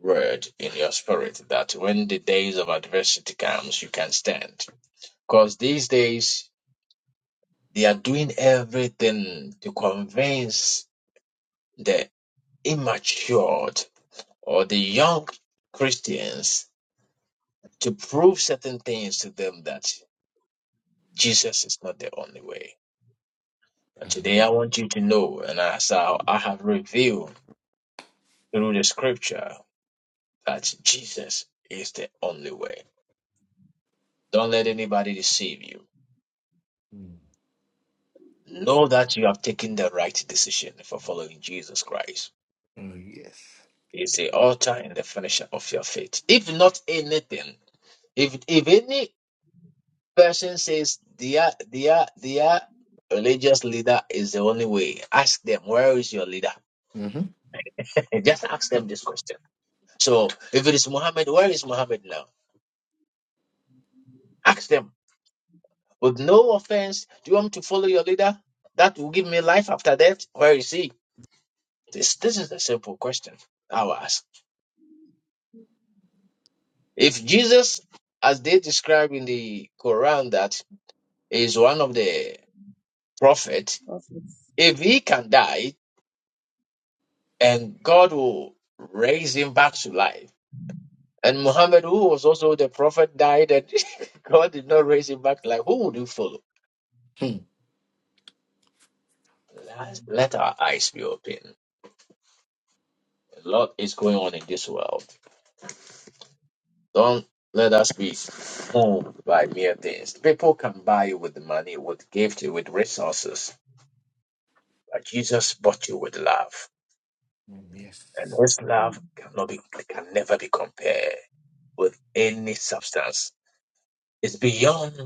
word in your spirit that when the days of adversity comes, you can stand. Because these days they are doing everything to convince the immature or the young Christians to prove certain things to them that Jesus is not the only way. But today
Mm,
I want you to know, and as I I have revealed through the scripture, that Jesus is the only way. Don't let anybody deceive you
Mm.
Know that you have taken the right decision for following Jesus Christ.
Oh yes.
He is the author and the finisher of your faith. If not anything, if if any person says their their their religious leader is the only way, ask them where is your leader?
Mm-hmm.
Just ask them this question. So if it is Muhammad, where is Muhammad now? Ask them with no offense. Do you want me to follow your leader? That will give me life after death. Where is he? This this is the simple question I will ask. If Jesus, as they describe in the Quran, that is one of the prophets,
Prophets.
if he can die and God will raise him back to life, and Muhammad, who was also the prophet, died and God did not raise him back to life, who would you follow? Let, let our eyes be open. A lot is going on in this world. Don't let us be fooled by mere things. People can buy you with money, with gift, with resources, but Jesus bought you with love. And
Yes.
his love
Mm,
cannot be can never be compared with any substance. It's beyond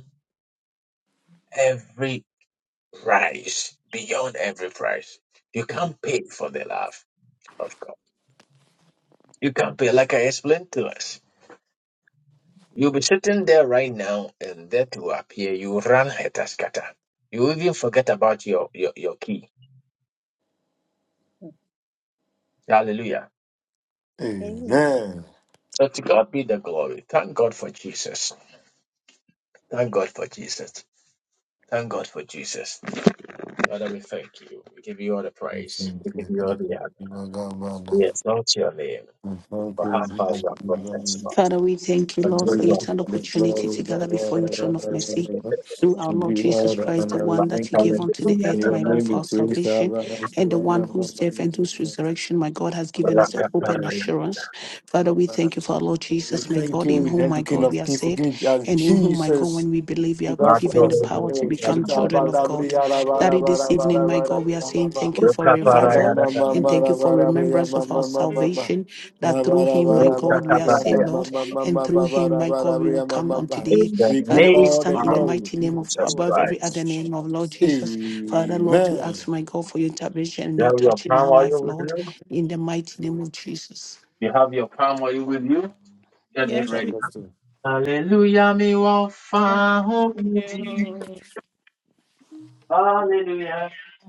every price. Beyond every price. You can't pay for the love of God. You can't pay like I explained to us. You'll be sitting there right now and death will appear. You run hetaskata. You even forget about your, your, your key.
mm.
Hallelujah.
Amen.
Amen.
So to God be the glory. Thank God for Jesus. Thank God for Jesus. Thank God for Jesus. Father, we thank you. We give you all the praise. We give you all the honor. We exalt your name
Thank
for how far you have brought us,
you.
Mm.
Father,
Lord.
we thank you, Lord,
Continue
for your
to
time
the
opportunity to
glory,
gather before your throne of mercy.
Baba.
Through our
Give
Lord
you
Jesus
all the
Christ, the
honor. We
one that you
Thank you.
gave unto the
In
earth,
your
my Lord,
name
for
we
our
pray,
salvation, and the one whose death and whose resurrection, my God, has given us a hope and assurance. Father, we
Father.
thank you for our Lord
We
Jesus, my
thank
God,
you.
in
We
whom,
thank
my
you, King
God, we
of
are
Kings, for
saved,
giving us
and in whom, my God,
Jesus.
when we believe, we
We
are
bow for
given the
us in the
power to
name of
become
Jesus. Abba,
children
ba,
of
da, bri,
God.
ya, ra, ba,
That
ra,
it
ba,
this evening, my God, we are saying thank you for
Abba,
revival
ba, ra,
and
ba,
thank you
ra,
for
ba, ra, ba. Ah, ba, ma, ma, ma, ra, ba, ra, bri, ya,
remembrance
ma,
of our
ma, ma, ma, ma.
salvation that
Abba,
through
ba, ra,
him, my
ba, ra,
God, we
ba,
are
ra, bri, ya,
saved,
ma,
Lord,
ma, ma, ma,
and
ma,
through
ba, ba,
him,
ra,
my
ba,
God,
ra,
we
bri,
will
ya, ma,
come
ma,
on
ma.
today.
in the
We give
Father, we
name
all
stand
the
in the
of
glory.
mighty name of
Jesus
Oh,
above
oh,
every
Christ.
other name of Lord
Jesus.
Jesus. Father, Lord, we ask,
Amen.
my God, for your intervention and
You
your
have your
touch in
palm
our life,
oil with
Lord,
you.
in the mighty name of Jesus.
Have your palm oil with you. Get it
Yes,
Yes, we
ready.
Apostle.
Hallelujah, me wa
found you.
Hallelujah.
Amen. Amen. Amen. Amen.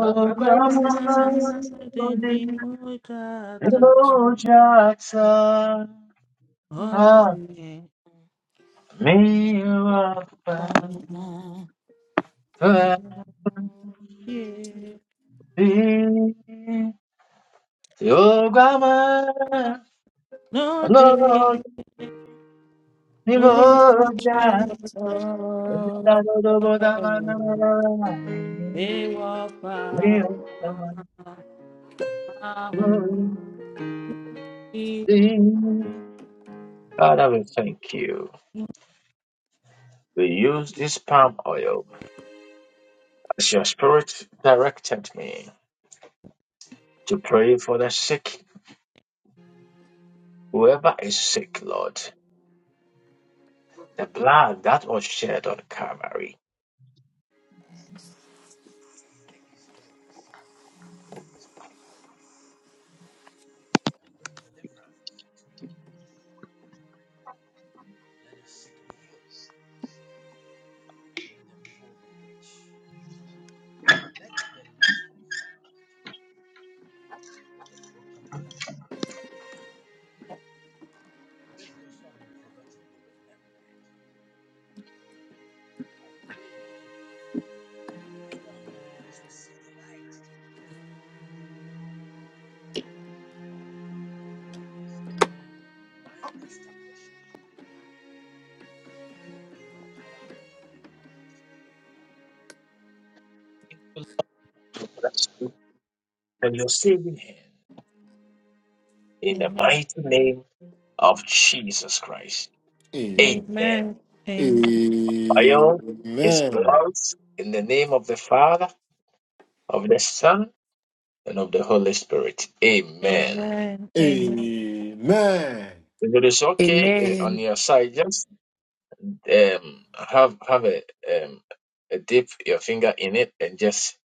Are, are there any
grande
substitutes?
banana, didn't need much.
elogiata
Oh,
a
Mm,
mio padre.
yeah. No
Oh,
day,
Amen.
grande
no
elogiata a
day,
mio padre.
they were far.
Father, we thank you. We use this palm oil as your spirit directed me. to pray for the sick, whoever is sick, Lord. The blood that was shed on Calvary. And your saving hand in the mighty name of Jesus Christ.
A-
Amen. By all his
Amen.
blood, in the name of the Father, of the Son, and of the Holy Spirit. Amen.
Amen.
If it is okay eh, on
Amen.
your side, just um have have a um a dip your finger in it and just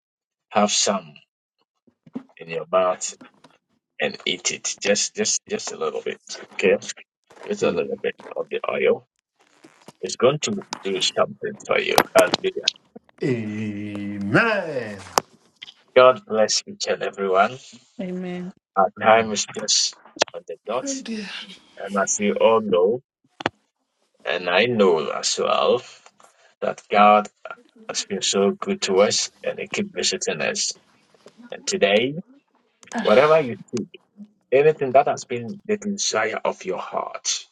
have some in your mouth and eat it just just just a little bit okay it's a
Amen.
little bit of the oil it's going to do something for you hallelujah
Amen.
god bless each and everyone
Amen,
our time
Amen.
is just on the dot and as we all know and i know as well that god has been so good to us and he keep visiting us and today whatever you do Anything that has been the desire of your heart,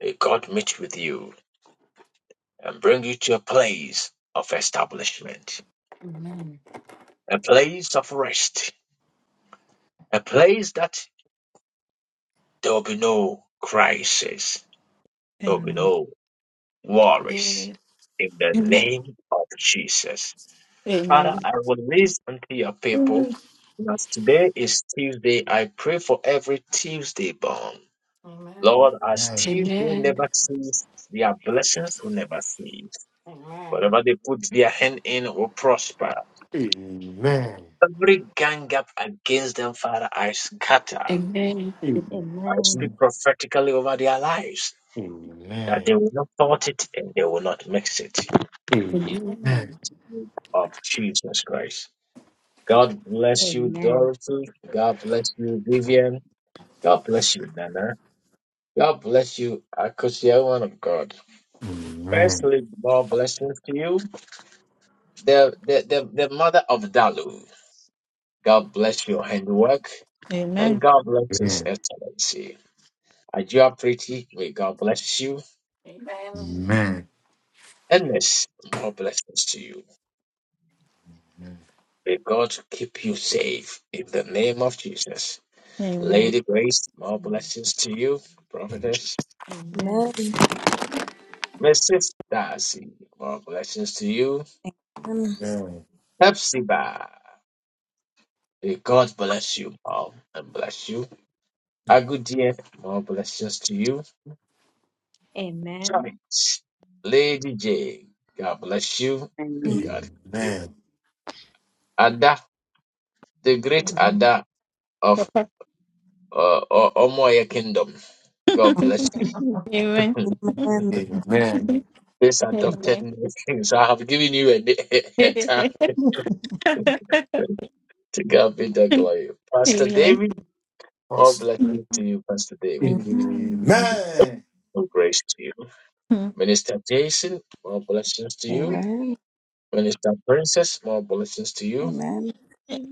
may God meet with you and bring you to a place of establishment, a place of rest, a place that there will be no crisis, there will be
amen, amen, amen.
no worries.
Amen.
In the
Amen. Amen. Amen.
name of Jesus. Father,
Amen.
I will release unto your people.
Amen.
And As today is Tuesday, I pray for every Tuesday born. Lord, as
Amen.
Tuesday
Amen.
never cease, their blessings will never cease. Whatever they put their hand in will prosper.
Amen.
Every gang up against them, Father, I scatter. I
Amen. Amen.
speak
Amen.
prophetically over their lives
Amen.
that they will not thought it and they will not mix it.
Amen.
Amen.
In
Amen.
the name Of Jesus Christ. God bless you,
Amen.
Dorothy. God bless you, Vivian. God bless you, Nana. God bless you, Akosia, one of God. Firstly, more blessings to you. The, the, the, the mother of Dalu. God bless your handwork.
Amen.
And God bless His Excellency. Ajua Pretty, may God bless you. Endless more blessings to you. May God keep you safe in the name of Jesus.
Amen.
Lady Grace, more blessings to you. Prophetess.
Amen.
man.
Mrs. Darcy, more blessings to you. Hepzibah, may God bless you all and bless you. Agudia, more blessings to you.
Amen. Amen.
Joyce, Lady J, God bless you and
Amen.
Amen.
God keep you. Ada, the great
Amen.
Ada of
Papa.
uh, O- Omoye Kingdom. God bless you.
Amen.
Amen. Amen.
this adopted
Amen.
nation. so I have given you a, a time to God be the glory. Pastor
Amen.
David, more
Us.
blessings to you, Pastor David.
Amen.
Amen.
More grace to you. Minister Jason, more blessings to you.
Amen.
Minister Princess, more blessings to you.
Amen. Amen.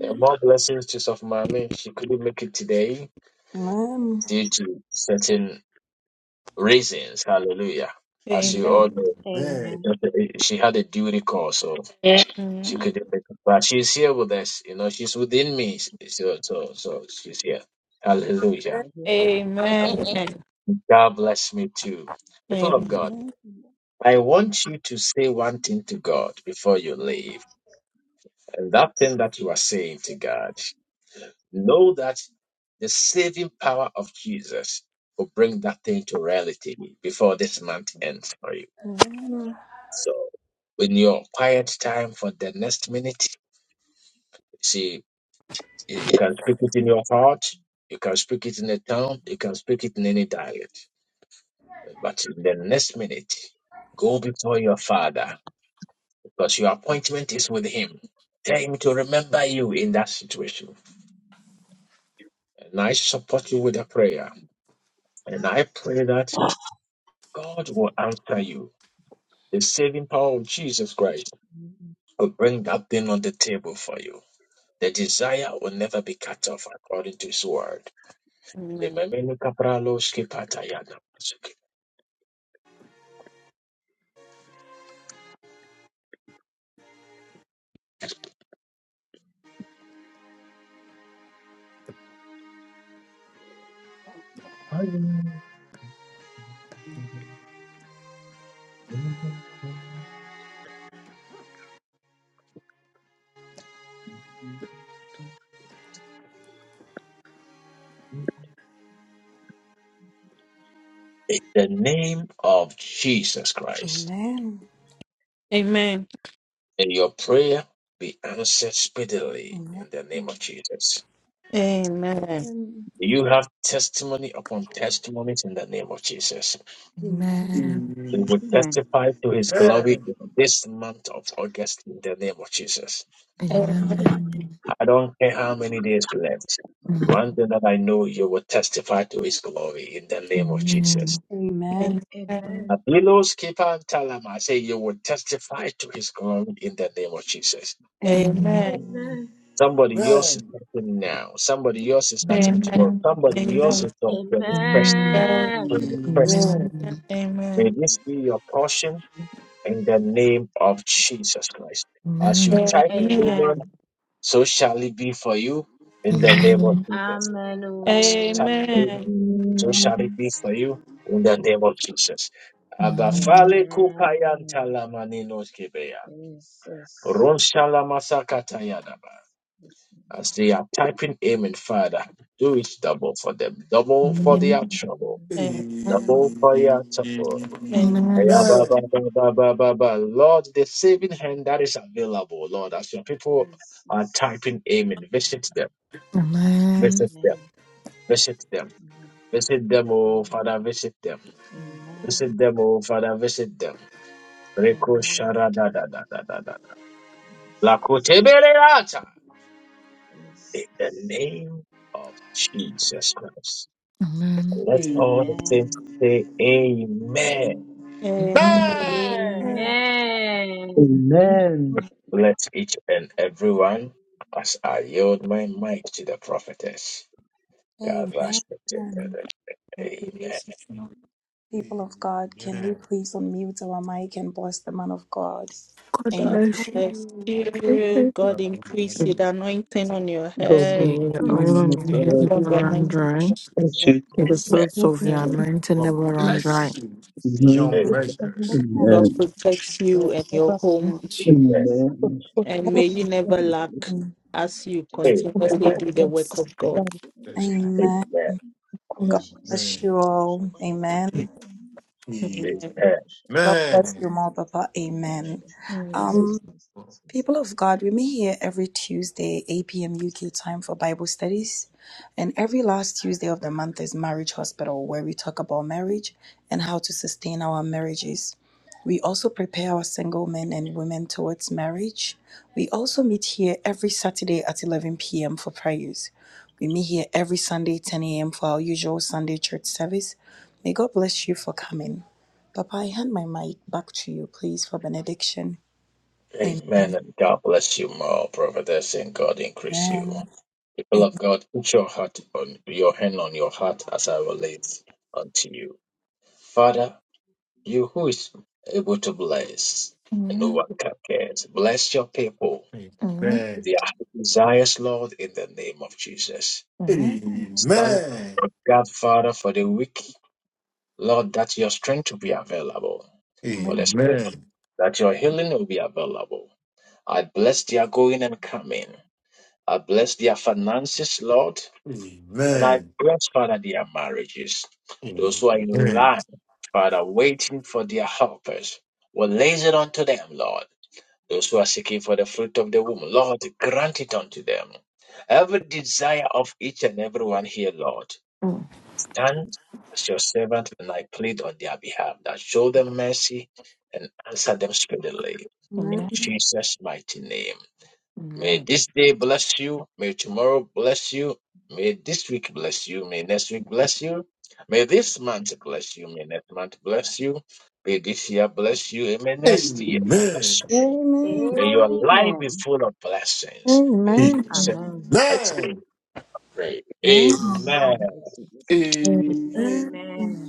And more blessings to Sofmami. She couldn't make it today
Amen.
due to certain reasons. Hallelujah. As you
Amen. Amen.
all
Amen.
know,
Amen.
Amen.
because, uh, she had a duty call, So. She could do it, but she's here with us. You know, she's within me. So, so, so she's here. Hallelujah. God bless me too. People of
Amen.
God, I want you to say one thing to God before you leave. And that thing that you are saying to God, know that the saving power of Jesus will bring that thing to reality before this month ends for you. So, in your quiet time for the next minute, see. You you can speak it in your heart. You can speak it in a tongue. You can speak it in any dialect. But in the next minute, go before your father because your appointment is with him. Tell him to remember you in that situation. And I support you with a prayer. And I pray that God will answer you. The saving power of Jesus Christ
Amen.
will bring that thing on the table for you. The desire will never be cut off according to his word.
Amen.
Lememenu kapralo skipata yana. In the name of Jesus Christ,
Amen. Amen. Amen.
Amen. Amen.
may your prayer be answered speedily in the name of Jesus. You have testimony upon testimonies in the name of Jesus.
Amen. Amen. Amen.
We will testify to his glory in this month of August in the name of Jesus.
Amen.
Amen.
Amen.
Amen.
I don't care how many days left, but
Mm.
one thing that I know you will testify to his glory in the name of Jesus.
Amen.
Amen.
Amen.
Abilos, Kepa, and Talama, I say you will testify to his glory in the name of Jesus.
Amen.
Amen.
Amen.
Somebody else
Amen.
is starting now. Somebody else is
Amen.
starting tomorrow.
Amen.
Somebody else
Amen.
is on
Amen.
Amen. Amen.
21st.
Amen.
21st.
Amen.
May
Amen.
this be your portion in the name of Jesus Christ. As you
Amen.
type
Amen.
Amen,
Amen.
so shall it be for you in the name of Jesus.
Amen.
As you type
oh.
Thank
Amen,
Amen.
you.
so shall it be for you in the name of Jesus. Abafale kupayan
Amen.
talamaninoskebea.
Yes. Yes.
Ron
Yes.
As they are typing Amen, Father, do it double for them, double for their trouble,
Amen.
Amen.
Amen.
double for your trouble.
Amen. Amen. Amen.
Amen.
Aya,
Amen.
ba,
Amen.
ba, ba, ba, ba, ba, ba. Lord, the saving
Amen.
hand that is available, Lord, as your people
Yes.
are
yes.
typing Amen, visit them,
Amen.
visit them,
Amen.
visit them,
Amen.
visit them, oh
Amen.
Father, visit them, visit
Amen.
them, oh Father, visit them. Reko
Amen.
shara da da da da da da.
Jesus.
Lakotebeleata. In the
Jesus.
name of Jesus Christ.
Amen.
And Let all the saints
Amen.
Amen.
say amen.
Amen.
Amen.
Let each and every one, as I yield my mic to the prophetess,
Amen.
God
Amen.
rush me to
Amen.
heaven.
Thank you,
Amen.
Jesus.
People of God, can we
Amen.
please unmute our mic and bless the man of God?
God
Amen.
God
bless
bless
you.
you. God
God
increase the anointing on your
God
head.
May
bless
the
you,
oil
man of
on your
The
head
God.
power
never
the
run
anointing on
dry.
your
Bless
head.
you.
May the
this
Amen.
source of your
morning.
anointing never run dry.
bless you beyond
Amen.
measures.
Amen.
God
Amen.
protects
Amen.
you and your
Amen. Amen.
home,
Amen.
Amen.
and may you never lack
Amen.
as you
Amen.
Amen.
continuously do the work of God.
Amen.
Amen.
Amen.
God bless you all. Amen.
Amen.
Amen.
God bless
Amen.
you, Mother. Amen.
Mm.
Um. People of God, we meet here every Tuesday, 8 p.m. UK time for Bible studies. And every last Tuesday of the month is Marriage Hospital, where we talk about marriage and how to sustain our marriages. We also prepare our single men and women towards marriage. We also meet here every Saturday at 11 p.m. for prayers. We meet here every Sunday, 10 a.m., for our usual Sunday church service. May God bless you for coming. Papa, I hand my mic back to you, please, for benediction. Amen.
Amen. And God bless you more, prophetess, and God increase you.
Amen.
People of God, put your heart on your hand on your heart as I relate unto you. Father, you who is able to bless and overcome cares, bless your people
Amen.
Amen.
their desires, Lord, in the name of Jesus.
Amen.
Stand God, Father, for the weak, Lord, that your strength will be available. For the
Amen.
sick, that your healing will be available. I bless their going and coming. I bless their finances, Lord. And I bless, Father, their marriages. Those who are
Amen.
in
Amen.
line, Father, waiting for their helpers, will lays it unto them, Lord. Those who are seeking for the fruit of the womb, Lord, grant it unto them. Every desire of each and every one here, Lord, stand as your servant and I plead on their behalf that show them mercy and answer them speedily.
Amen.
In
Amen.
Jesus' mighty name. May this day bless you. May tomorrow bless you. May this week bless you. May next week bless you. May this month bless you. May next month bless you. May this year bless you. And may next year
Amen.
bless you
Amen.
and your life is full of blessings.
Amen.
In
Amen.
Jesus'
Amen.
mighty name,
Amen.
we pray.
Yes,
Amen.
Amen.
yes, yes, yes.
Amen.
Amen.
Amen.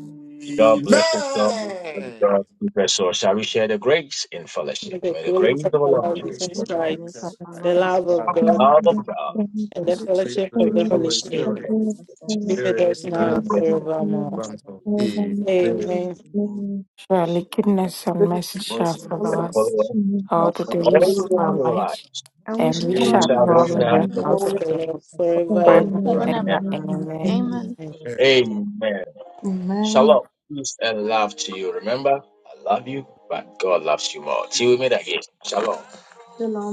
God bless us all. And God keep us all. Shall we share the grace in
May
fellowship?
the
May the
glory
grace
of
of our
our
The
Lord
Lord
Grace
Jesus,
of
Jesus
our
In
the
the
Christ,
Lord
grace of
Jesus
our
Christ,
the
Lord
love
Jesus
God
of
of God,
Christ,
God,
the
love of
love of
God,
God.
and
and
the
Amen.
sweet
fellowship
fruit
the
of
of
true
the
the
Let's
Holy
Holy
fellowship of
Spirit
refresh
the
Spirit,
our Holy Spirit.
Be with
Spirit
us
is
now
Holy
Give
now
and
us
Spirit,
now our
forevermore.
and
Father.
forever. Amen.
Amen.
And then,
Surely
surely,
goodness and
Goodness,
mercy shall
Worship
the news
follow
us,
follow
and
us
and
follow
mercy
us
us
shall
all
all
converge
the
Lord.
all the
out
All
of
days
days
Grace
is
of
of
the
of
God.
alive.
our
our
midst of
life.
life,
our
And we
and
shall
we
the time,
And we
dwell
shall
in the
Amen.
shall
and we
dwell
house
dwell
in
of
the
in
shall
the
house
the
dwell
Lord
of
the
in
the
Out
house
Lord
of
of
Lord.
the
the
the Lord
Lord
midst of the
forever
Lord
and
forever
forever
forever
and
ever.
and
and ever.
ever.
ever.
forever and
Amen.
Amen.
ever.
Amen.
Amen.
Amen.
Amen.
Amen.
Amen.
Shalom. Peace and love to you. Remember, I love you, but God loves you more. Till we meet again. Shalom.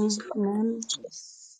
Peace.
Amen.
Yes.